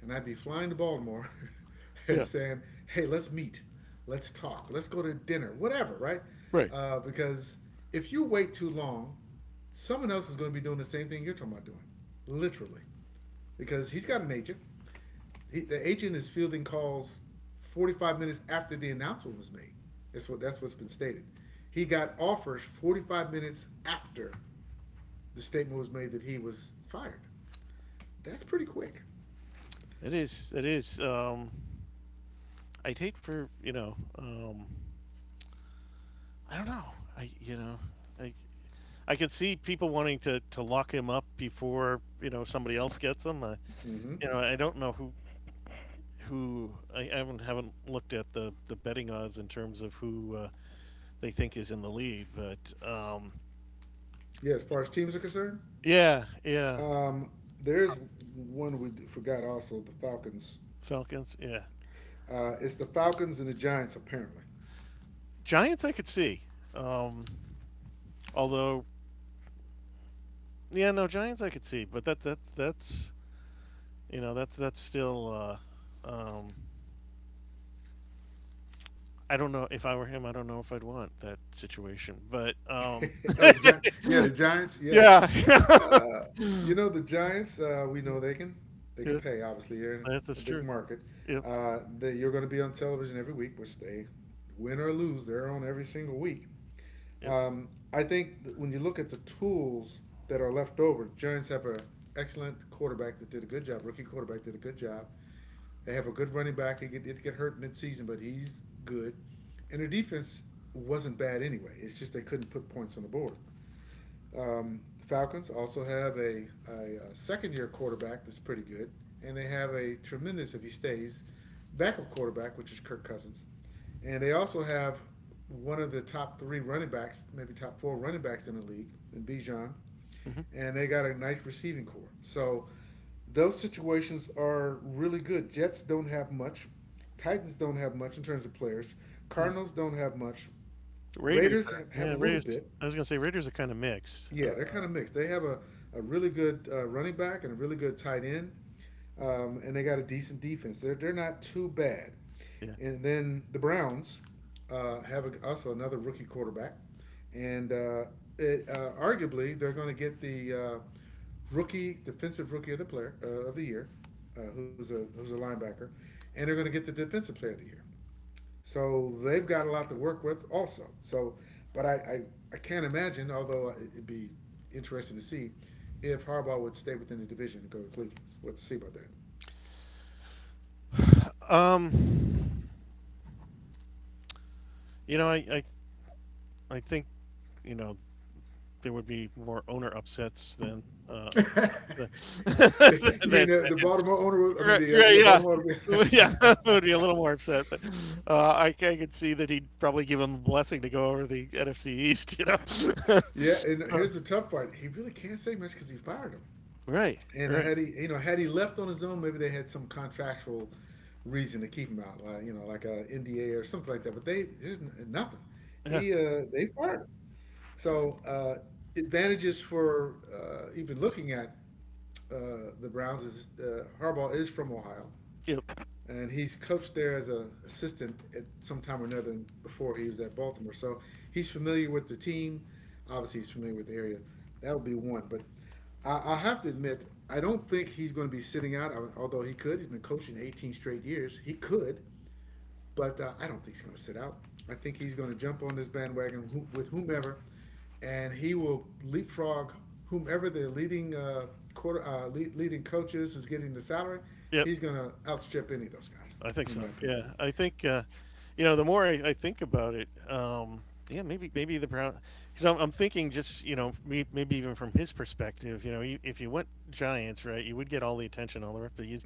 and I'd be flying to Baltimore and yeah, saying, hey, let's meet, let's talk, let's go to dinner, whatever, right? right. Because if you wait too long, someone else is going to be doing the same thing you're talking about doing, literally, because he's got an agent. The agent is fielding calls 45 minutes after the announcement was made. That's what's been stated. He got offers 45 minutes after the statement was made that he was fired. That's pretty quick. It is. It is. I'd hate for you know. I don't know. I you know. I I can see people wanting to lock him up before somebody else gets him. I don't know who I haven't looked at the betting odds in terms of who they think is in the lead. But Yeah, as far as teams are concerned, yeah, yeah, um, there's one we forgot also the Falcons. Falcons, yeah, It's the Falcons and the Giants apparently. Giants I could see. Um, although yeah, no Giants I could see, but that that's you know that's still. Um, I don't know if I were him. I don't know if I'd want that situation, but Oh, yeah, the Giants. Yeah, yeah, you know the Giants. We know they can yeah, pay. Obviously, they're in that, a that's big true. market. Yep, That you're going to be on television every week, which they win or lose, they're on every single week. yep. I think that when you look at the tools that are left over, the Giants have an excellent quarterback that did a good job. Rookie quarterback did a good job. They have a good running back. He did get hurt midseason, but he's good. And their defense wasn't bad anyway. It's just they couldn't put points on the board. The Falcons also have a second year quarterback that's pretty good, and they have a tremendous, if he stays, backup quarterback, which is Kirk Cousins. And they also have one of the top three running backs, maybe top four running backs in the league, in Bijan. Mm-hmm. And they got a nice receiving core. So those situations are really good. Jets don't have much. Titans don't have much in terms of players. Cardinals don't have much. Raiders Raiders are have yeah a little Raiders. bit. I was gonna say Raiders are kind of mixed. Yeah, they're kind of mixed. They have a really good running back and a really good tight end, and they got a decent defense. They're not too bad. Yeah. And then the Browns have also another rookie quarterback, and arguably they're going to get the rookie defensive rookie of the player of the year, who's a linebacker, and they're going to get the defensive player of the year. So they've got a lot to work with also. So, but I can't imagine, although it'd be interesting to see, if Harbaugh would stay within the division and go to Cleveland. We'll have to see about that. Um, you know I, I I think you know there would be more owner upsets than uh, You mean that. the Baltimore owner? I mean Right, the right, yeah, yeah. Baltimore. Well, yeah, I would be a little more upset, but I could see that he'd probably give him the blessing to go over the NFC East. You know, Yeah, and Uh, here's the tough part: he really can't say much because he fired him. right, And right, had he left on his own, maybe they had some contractual reason to keep him out, like a NDA or something like that. But they there's nothing. yeah, He they fired. Him. So advantages for even looking at the Browns is Harbaugh is from Ohio, yep, and he's coached there as an assistant at some time or another before he was at Baltimore. So he's familiar with the team. Obviously, he's familiar with the area. That would be one. But I have to admit, I don't think he's going to be sitting out. Although he could, he's been coaching 18 straight years. He could. But I don't think he's going to sit out. I think he's going to jump on this bandwagon with whomever, and he will leapfrog whomever the leading coaches is getting the salary. yep. He's going to outstrip any of those guys, I think in my so. opinion. Yeah, I think you know, the more I think about it, yeah, maybe maybe the Browns, because I'm thinking just may- maybe even from his perspective, you know, you, if you went Giants, right, you would get all the attention, all the rest, but you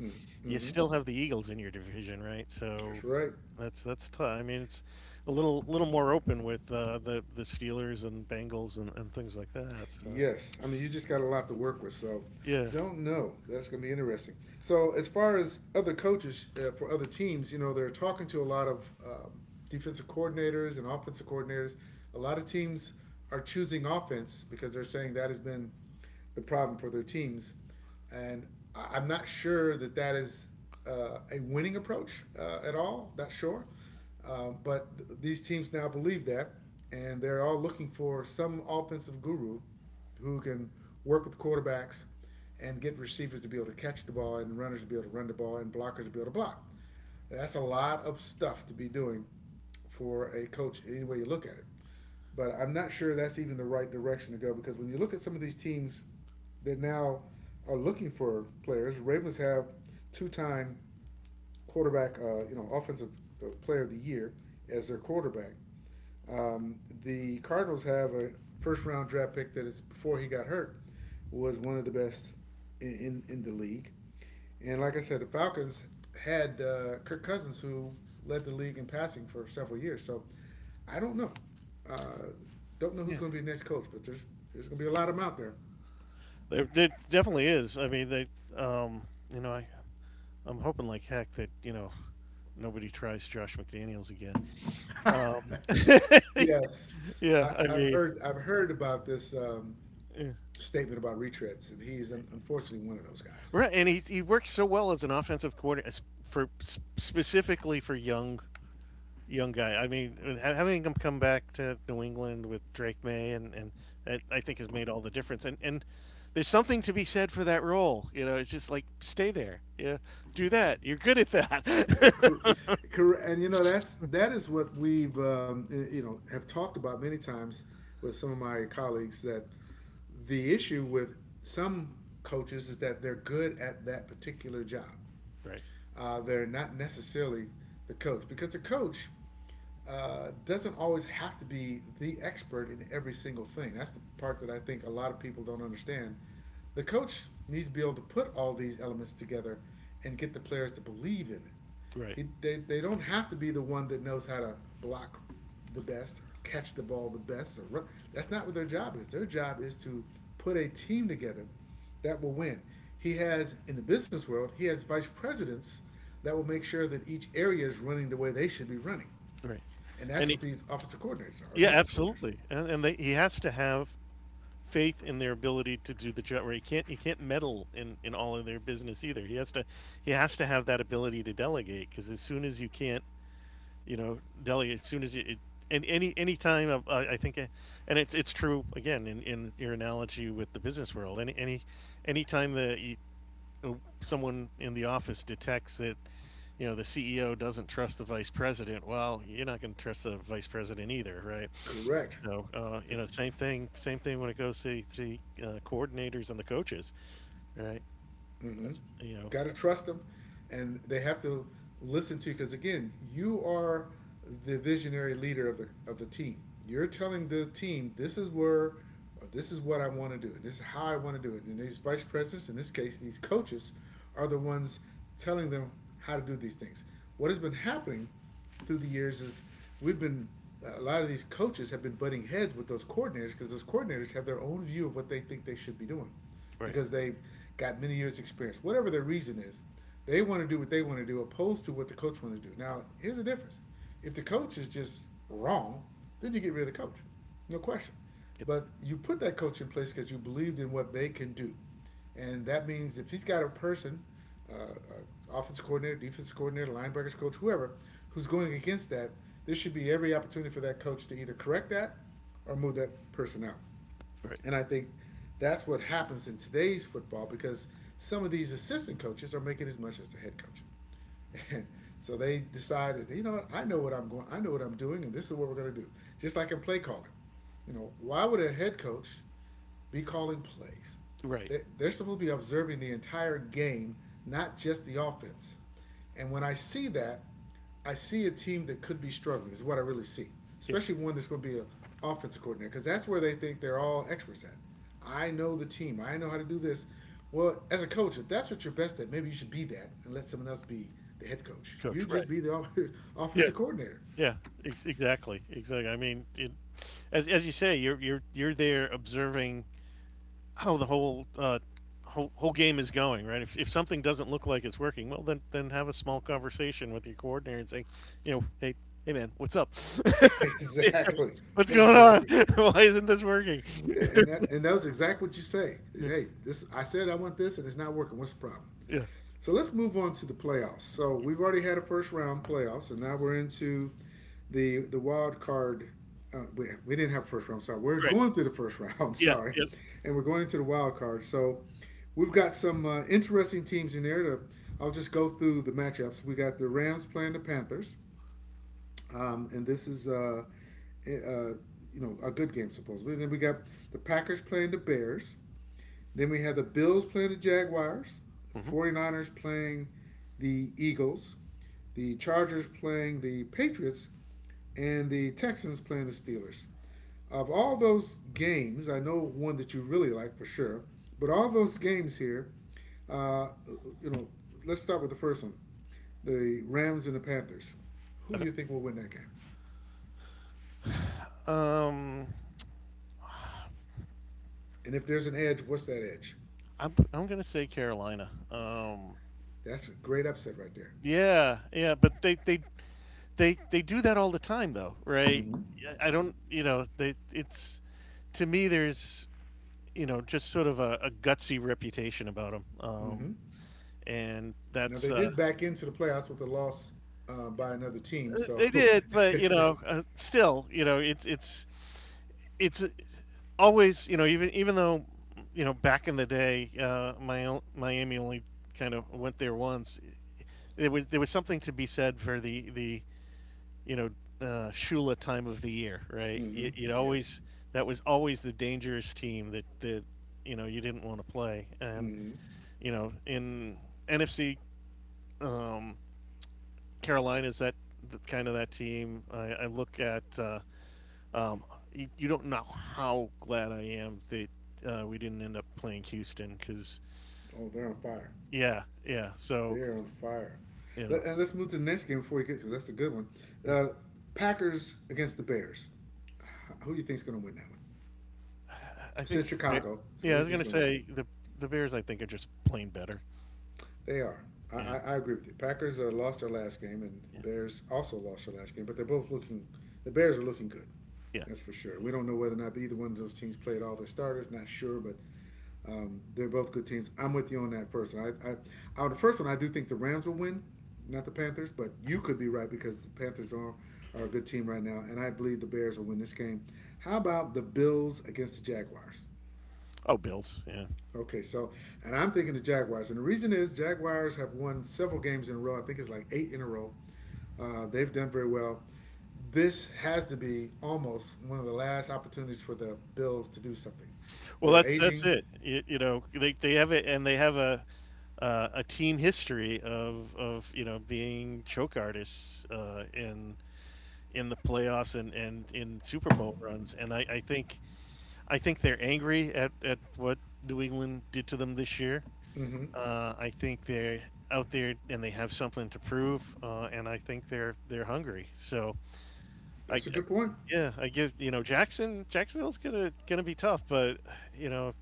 you still have the Eagles in your division, right? That's So right. That's tough. I mean, it's a little little more open with the Steelers and Bengals and things like that. So Yes, I mean you just got a lot to work with, so yeah, don't know. That's going to be interesting. So as far as other coaches for other teams, you know they're talking to a lot of defensive coordinators and offensive coordinators. A lot of teams are choosing offense because they're saying that has been the problem for their teams, and am not sure that that is a winning approach at all. Not sure. But these teams now believe that, and they're all looking for some offensive guru who can work with quarterbacks and get receivers to be able to catch the ball and runners to be able to run the ball and blockers to be able to block. That's a lot of stuff to be doing for a coach any way you look at it. But I'm not sure that's even the right direction to go because when you look at some of these teams that now are looking for players, Ravens have two-time quarterback, offensive player of the year as their quarterback. The Cardinals have a first round draft pick that is before he got hurt was one of the best in the league. And like I said, the Falcons had Kirk Cousins, who led the league in passing for several years. So I don't know. Uh, don't know who's yeah, going to be the next coach, but there's going to be a lot of them out there. there definitely is. I mean, they, um, you know, I'm hoping like heck that nobody tries Josh McDaniels again. Um, Yes, yeah, I mean, I've heard about this yeah. statement about retreads, and he's unfortunately one of those guys. Right, and he's, he works so well as an offensive coordinator for specifically for young young guy. I mean, having him come back to New England with Drake May and that I think has made all the difference. And there's something to be said for that role. You know, it's just like stay there. Yeah, do that. You're good at that. Correct. And you know that is what we've have talked about many times with some of my colleagues that the issue with some coaches is that they're good at that particular job. right, They're not necessarily the coach because the coach doesn't always have to be the expert in every single thing. That's the part that I think a lot of people don't understand. The coach needs to be able to put all these elements together and get the players to believe in it. right, They don't have to be the one that knows how to block the best or catch the ball the best or run. That's not what their job is. Their job is to put a team together that will win. He has in the business world, he has vice presidents that will make sure that each area is running the way they should be running. right. And And that's he, what these offensive coordinators are, yeah, defense coordinators. absolutely. He has to have faith in their ability to do the job. Where he can't meddle in all of their business either. He has to have that ability to delegate. Because as soon as you can't, you know, delegate, as soon as you, it, and any time of, and it's true again in your analogy with the business world. Any time that you, uh, someone in the office detects that the CEO doesn't trust the vice president, well, you're not going to trust the vice president either, right? Correct. Same thing when it goes to the coordinators and the coaches, right? That's Got to trust them, and they have to listen to because again, you are the visionary leader of the team. You're telling the team this is where, or this is what I want to do, and this is how I want to do it. And these vice presidents, in this case, these coaches, are the ones telling them how to do these things. What has been happening through the years is we've been a lot of these coaches have been butting heads with those coordinators because those coordinators have their own view of what they think they should be doing right, because they've got many years experience, whatever their reason is. They want to do what they want to do opposed to what the coach want to do. Now here's the difference: if the coach is just wrong, then you get rid of the coach. No question. yep, But you put that coach in place because you believed in what they can do, and that means if he's got a person, offensive coordinator, defensive coordinator, linebackers coach, whoever, who's going against that, there should be every opportunity for that coach to either correct that or move that person out. right, And I think that's what happens in today's football because some of these assistant coaches are making as much as the head coach. And so they decided, you know what, I know what I'm doing, and this is what we're gonna do. Just like in play calling. You know, why would a head coach be calling plays. right, They're supposed to be observing the entire game, not just the offense. And when I see that, I see a team that could be struggling. Is what I really see, yeah, especially one that's going to be an offensive coordinator, because that's where they think they're all experts at. I know the team. I know how to do this. Well, as a coach, if that's what you're best at, maybe you should be that and let someone else be the head coach. coach, You right, just be the yeah, offensive coordinator. yeah, exactly, exactly. I mean, it, as you say, you're there observing how the whole whole game is going, right? If something doesn't look like it's working, well, then have a small conversation with your coordinator and say, you know, hey, man, what's up? Exactly. What's going on? Exactly. Why isn't this working? And that was exactly what you say. Is, Yeah, hey, this I said I want this, and it's not working. What's the problem? yeah, right. So let's move on to the playoffs. So we've already had a first round playoffs, and now we're into the wild card. We didn't have a first round. Sorry, we're going through the first round. Yeah, Sorry, yeah. and we're going into the wild card. So we've got some interesting teams in there. To I'll just go through the matchups. We got the Rams playing the Panthers, and this is eh, uh, a good game supposedly. And then we got the Packers playing the Bears. Then we have the Bills playing the Jaguars, Mm-hmm. 49ers playing the Eagles, the Chargers playing the Patriots, and the Texans playing the Steelers. Of all those games, I know one that you really like for sure, but all those games here, uh, you know, let's start with the first one, the Rams and the Panthers. Who do Okay. you think will win that game? Um, And if there's an edge, what's that edge? I'm gonna say Carolina. That's a great upset right there. Yeah, yeah, but they do that all the time though, right? I don't, you know, they it's to me there's just sort of a gutsy reputation about them. And Now that's they did back into the playoffs with a loss by another team. they So did, but you know, still, you know, it's always, you know, even even though back in the day, my Miami only kind of went there once. It was there was something to be said for the you know Shula time of the year, right? It yes, always that was always the dangerous team that that you didn't want to play, and in NFC um, Carolina's that the, kind of that team. I look at um, you, you don't know how glad I am that we didn't end up playing Houston because oh, they're on fire. yeah yeah so They're on fire. you know. Let's move to the next game before we get because that's a good one. Yeah. Uh, Packers against the Bears. Who do you think is going to win that one? I It's think, in Chicago, so yeah, who I do you was think is gonna going to win that say one? The Bears. I think are just plain better. They are. I, Yeah, I agree with you. Packers lost their last game, and yeah, Bears also lost their last game. But they're both looking. The Bears are looking good. yeah. That's for sure. We don't know whether or not either one of those teams played all their starters. Not sure, but they're both good teams. I'm with you on that first one. On the first one, I do think the Rams will win, not the Panthers, but you Mhm. could be right because the Panthers are a good team right now, and I believe the Bears will win this game. How about the Bills against the Jaguars? Oh, Bills. Yeah. Okay, so, and I'm thinking the Jaguars. And the reason is Jaguars have won several games in a row. I think it's like eight in a row. They've done very well. This has to be almost one of the last opportunities for the Bills to do something. Well, They're that's aging. it. You know, they have it, and they have a team history of being choke artists in the playoffs and in Super Bowl runs. And I think they're angry at what New England did to them this year. Hmm. I think they're out there and they have something to prove, and I think they're hungry. So I, I- That's a good point. yeah, I give, Jacksonville's gonna be tough, but you know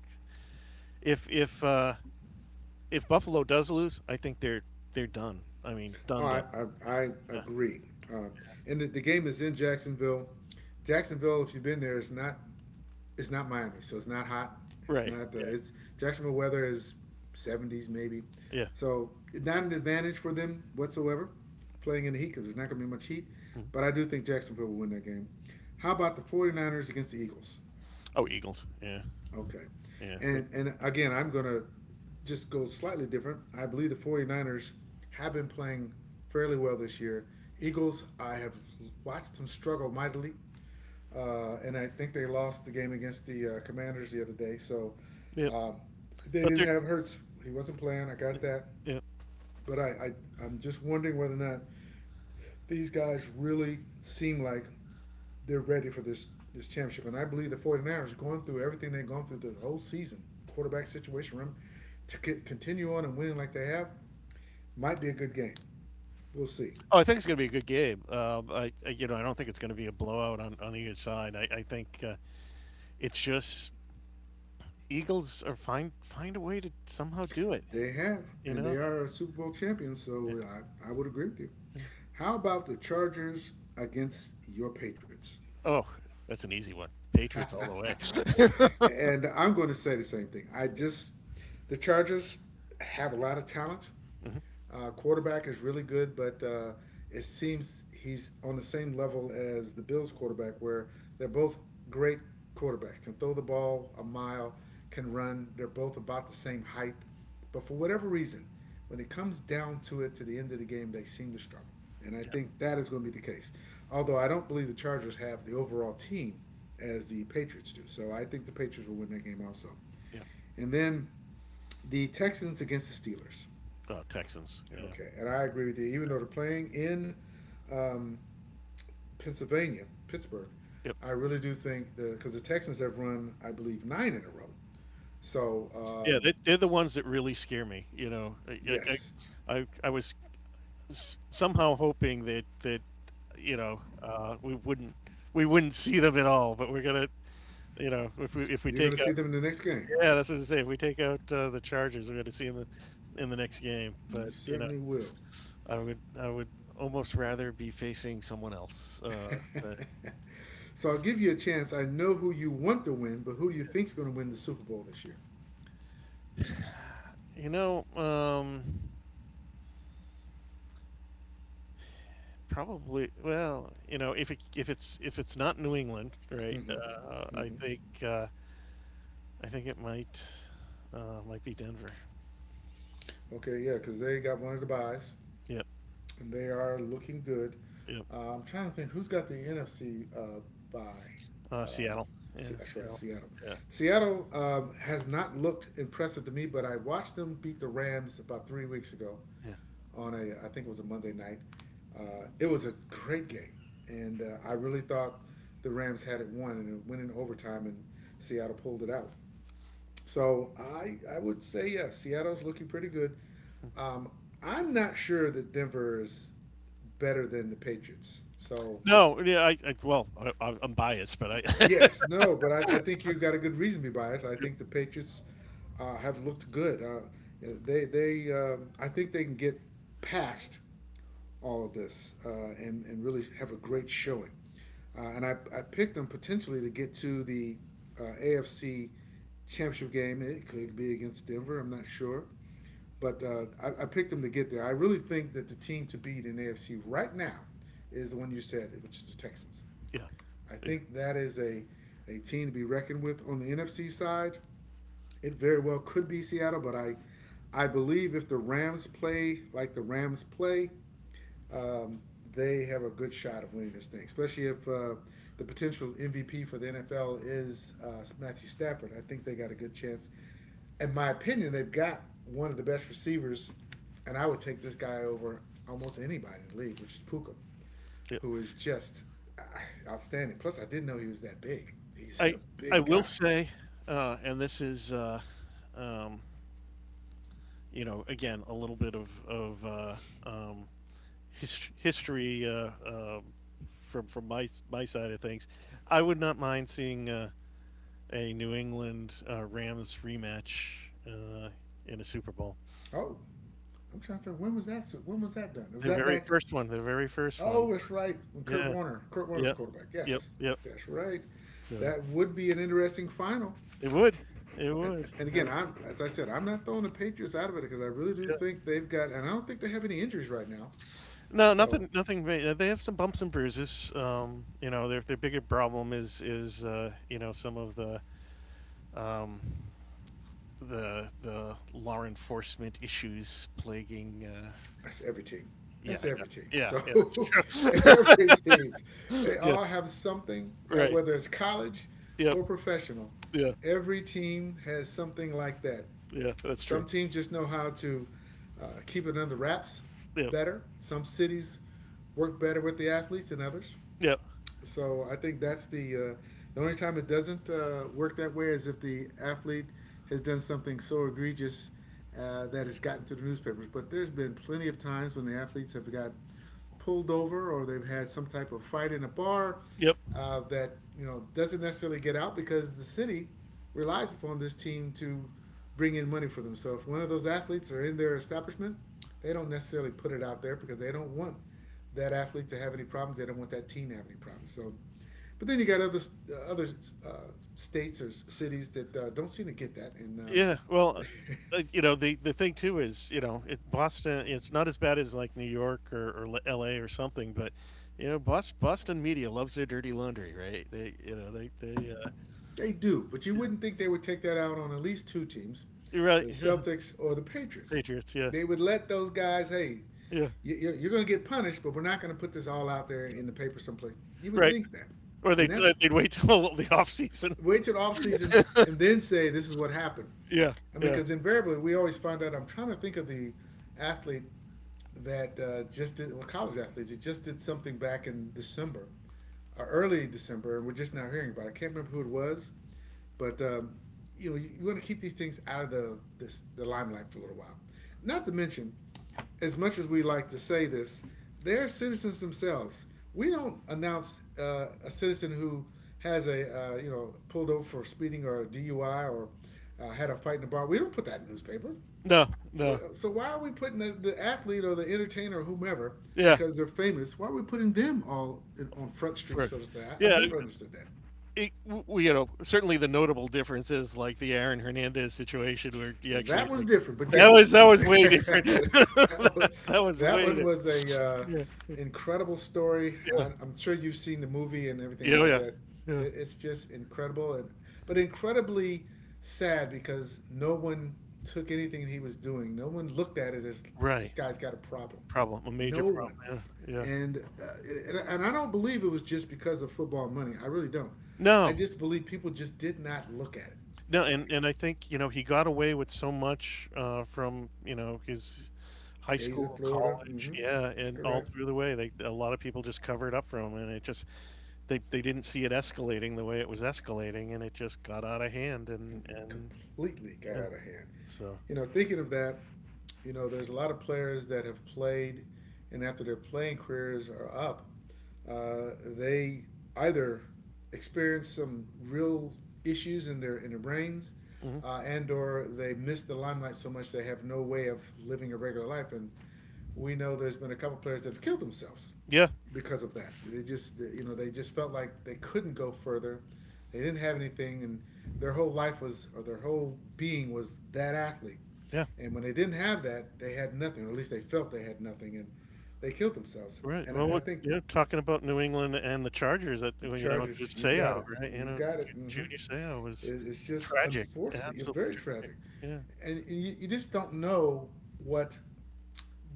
if if uh, if Buffalo does lose, I think they're done. I mean Oh, done I done. I, I Yeah, agree. Uh, and the game is in Jacksonville. Jacksonville, if you've been there, it's not Miami, so it's not hot. It's right. not Yeah. it's Jacksonville weather is 70s maybe, Yeah. so not an advantage for them whatsoever playing in the heat because there's not going to be much heat. Mhm. But I do think Jacksonville will win that game. How about the Forty Niners against the Eagles? Oh, Eagles. Yeah. Okay. Yeah. They, And again, I'm going to just go slightly different. I believe the 49ers have been playing fairly well this year. Eagles, I have watched them struggle mightily. And I think they lost the game against the Commanders the other day. So yep. um, they But didn't they're. have Hurts. He wasn't playing. I got that. Yeah. But I'm just wondering whether or not these guys really seem like they're ready for this championship. And I believe the 49ers are going through everything they've gone through the whole season, quarterback situation, room, to continue on and winning like they have, might be a good game. We'll see. Oh, I think it's going to be a good game. I don't think it's going to be a blowout on either side. I think it's just Eagles are find a way to somehow do it. They have, You and they know. are a Super Bowl champion, Yeah, so I would agree with you. yeah. How about the Chargers against your Patriots? Oh, that's an easy one. Patriots all the way. And I'm going to say the same thing. I just, the Chargers have a lot of talent. Hmm. Quarterback is really good, but it seems he's on the same level as the Bills quarterback, where they're both great quarterbacks. Can throw the ball a mile, can run. They're both about the same height, but for whatever reason, when it comes down to it, to the end of the game, they seem to struggle. And I Yeah, think that is going to be the case. Although I don't believe the Chargers have the overall team as the Patriots do. So I think the Patriots will win that game also. yeah. And then the Texans against the Steelers. Oh, Texans. Yeah, Okay, and I agree with you. Even though they're playing in um, Pennsylvania, Pittsburgh, yep. I really do think the because the Texans have run, I believe, nine in a row. So Yeah, they're the ones that really scare me. Yes, I was somehow hoping that that we wouldn't, see them at all, but we're gonna. If we you're going take to see out. them in the next game. Yeah, that's what I was gonna say. If we take out the Chargers, we're going to see them in the next game. But You you know. certainly will. I would almost rather be facing someone else. But So I'll give you a chance. I know who you want to win, but who do you think's going to win the Super Bowl this year? you know, um, probably, well, if it's not New England, right? I think it might, might be Denver. Okay, yeah, because they got one of the buys, Yep, and they are looking good. yep. I'm trying to think who's got the NFC by. Uh, Seattle. Yeah, that's right, Seattle. Seattle. Yeah, Seattle has not looked impressive to me, but I watched them beat the Rams about 3 weeks ago yeah. on a, I think it was a Monday night. It was a great game, and I really thought the Rams had it won, and it went in overtime, and Seattle pulled it out. So I would say yes, yeah, Seattle's looking pretty good. Um, I'm not sure that Denver is better than the Patriots. So No, yeah. I well, I'm biased, but I yes, no, but I think you got a good reason to be biased. I yeah, think the Patriots have looked good. They I think they can get past all of this and really have a great showing. I picked them potentially to get to the AFC championship game. It could be against Denver. I'm not sure. But I picked them to get there. I really think that the team to beat in AFC right now is the one you said, which is the Texans. I yeah, think that is a team to be reckoned with on the NFC side. It very well could be Seattle, but I believe if the Rams play like the Rams play, um, they have a good shot of winning this thing, especially if the potential MVP for the NFL is Matthew Stafford. I think they got a good chance. In my opinion, they've got one of the best receivers, and I would take this guy over almost anybody in the league, which is Puka, yeah. who is just uh, outstanding. Plus, I didn't know he was that big. He's I a I big will guy. say, and this is. Um, again, a little bit of um, history, from my side of things. I would not mind seeing a New England, Rams rematch, uh, in a Super Bowl. Oh, I'm trying to figure when was that? When was that done? Was Their that very back? first one. Their very first one. Oh, that's right. When Kurt Yeah. Warner, Kurt Warner's Yeah. quarterback. Yep. Yes, Yep. that's right. So That would be an interesting final. it would. It would. And I again, think. I'm as I said, I'm not throwing the Patriots out of it because I really do Yeah. think they've got, and I don't think they have any injuries right now. No, So nothing. Nothing. They have some bumps and bruises. Their bigger problem is some of the, um, the law enforcement issues plaguing. That's every team. Yeah, That's every team. yeah, So yeah, yeah, that's every team, true. they Yeah, all have something, right. whether it's college Yep. or professional. Yeah. Every team has something like that. Yeah, that's true. Some teams just know how to keep it under wraps Yep. better. Some cities work better with the athletes than others. Yep. So I think that's the only time it doesn't work that way is if the athlete has done something so egregious that it's gotten to the newspapers. But there's been plenty of times when the athletes have got pulled over or they've had some type of fight in a bar Yep. That you know doesn't necessarily get out because the city relies upon this team to bring in money for them. So if one of those athletes are in their establishment, they don't necessarily put it out there because they don't want that athlete to have any problems. They don't want that team to have any problems. So, but then you got other uh, states or cities that don't seem to get that, and Yeah. Well, the thing too is, it, Boston. It's not as bad as like New York, or L.A. or something, but Boston media loves their dirty laundry, right? They. They do. But you yeah, wouldn't think they would take that out on at least two teams, you're the right, yeah. Celtics or the Patriots. Patriots, yeah. They would let those guys, hey, Yeah, are going to get punished, but we're not going to put this all out there in the paper someplace. You would right. think that, Or and that's they'd wait till the off season. wait till the off season and then say this is what happened. Yeah, I mean, yeah. because invariably we always find out. I'm trying to think of the athlete that just did well, college athletes. It just did something back in December, early December, and we're just now hearing about it. I can't remember who it was, but you know you want to keep these things out of the limelight for a little while. Not to mention, as much as we like to say this, they're citizens themselves. We don't announce a citizen who has a you know pulled over for speeding or a DUI or had a fight in a bar. We don't put that in the newspaper. No, no. So why are we putting the athlete or the entertainer or whomever Yeah, because they're famous? Why are we putting them all in, on Front Street, for so to say? I've yeah, never understood that. W certainly the notable difference is, like, the Aaron Hernandez situation where he actually, That was like, different, but yes, that was way different. that one, that was that way one di. was a Yeah, yeah, incredible story. yeah. I'm sure you've seen the movie and everything Yeah, oh, like yeah. that. Yeah. It's just incredible, and but incredibly sad because no one took anything he was doing. No one looked at it as this Right. guy's got a problem. Problem. A major No one. problem. Yeah, yeah. And, and I don't believe it was just because of football money. I really don't. I No. just believe people just did not look at it No, that way. and I think he got away with so much, from, his high Days in school, Florida. college, Mm-hmm. yeah, That's and all correct. through the way. They, a lot of people just covered up for him, and it just, they didn't see it escalating the way it was escalating, and it just got out of hand. And And completely got yeah, out of hand. so You know, thinking of that, you know, there's a lot of players that have played, and after their playing careers are up, they either experience some real issues in their brains, mhm. And or they miss the limelight so much they have no way of living a regular life. And we know there's been a couple players that have killed themselves Yeah, because of that. They just you know they just felt like they couldn't go further. They didn't have anything, and their whole life was or their whole being was that athlete. yeah, And when they didn't have that, they had nothing, or at least they felt they had nothing, and they killed themselves. right. And Well, think talking about New England and the Chargers, that, Chargers, there's you've got Seau, it. right? You've got it. Mm-hmm. Junior Seau was It's just tragic, unfortunate. You're absolutely very tragic. tragic, Yeah, and you just don't know what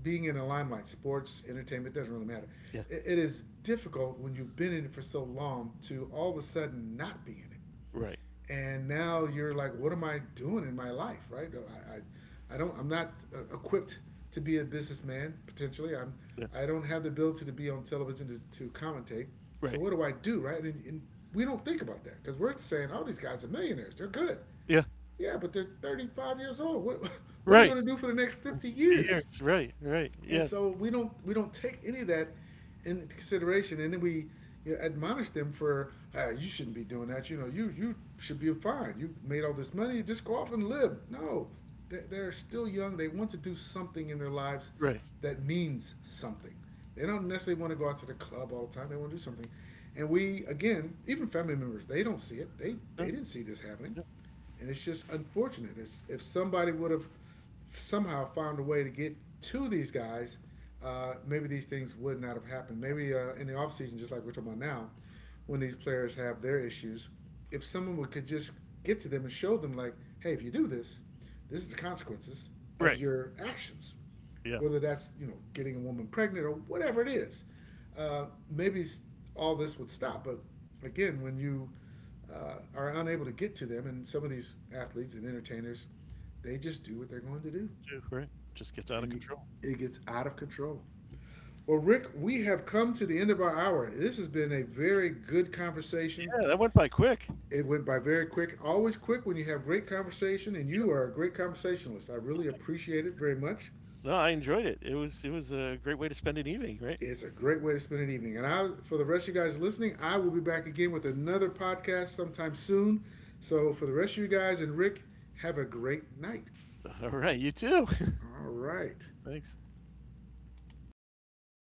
being in the limelight, sports, entertainment, doesn't really matter. yeah, It is difficult when you've been in it for so long to all of a sudden not be in it. right, And now you're like, what am I doing in my life, right? No, I don't, I'm not equipped to be a businessman, potentially. I'm, yeah, I don't have the ability to be on television to commentate. So right. what do I do, right? And we don't think about that because we're saying, oh, these guys are millionaires. They're good. Yeah, Yeah, but they're 35 years old. What, what are they right. going to do for the next 50 It's 3 years? years, right, right, And yeah, so we don't take any of that into consideration, and then we you know, admonish them for ah, you shouldn't be doing that. You know, you should be fine. You made all this money, just go off and live. No, they're still young. They want to do something in their lives right. that means something. They don't necessarily want to go out to the club all the time. They want to do something, and we again, even family members, they don't see it. They No, didn't see this happening, yeah, and it's just unfortunate. It's, if somebody would have somehow found a way to get to these guys, maybe these things would not have happened. Maybe in the off season, just like we're talking about now, when these players have their issues, if could just get to them and show them, like, hey, if you do this, this is the consequences of right, your actions, yeah, whether that's you know getting a woman pregnant or whatever it is. Maybe all this would stop. But again, when you are unable to get to them, and some of these athletes and entertainers, they just do what they're going to do, true, right. Just gets out of and you, control. it gets out of control. Well, Rick, we have come to the end of our hour. This has been a very good conversation. Yeah, that went by quick. It went by very quick, always quick when you have great conversation, and you are a great conversationalist. I really appreciate it very much. No, I enjoyed it. It was a great way to spend an evening, right? It's a great way to spend an evening. And I, for the rest of you guys listening, I will be back again with another podcast sometime soon. So for the rest of you guys and Rick, have a great night. Alright, you too. All right. Thanks. Okay,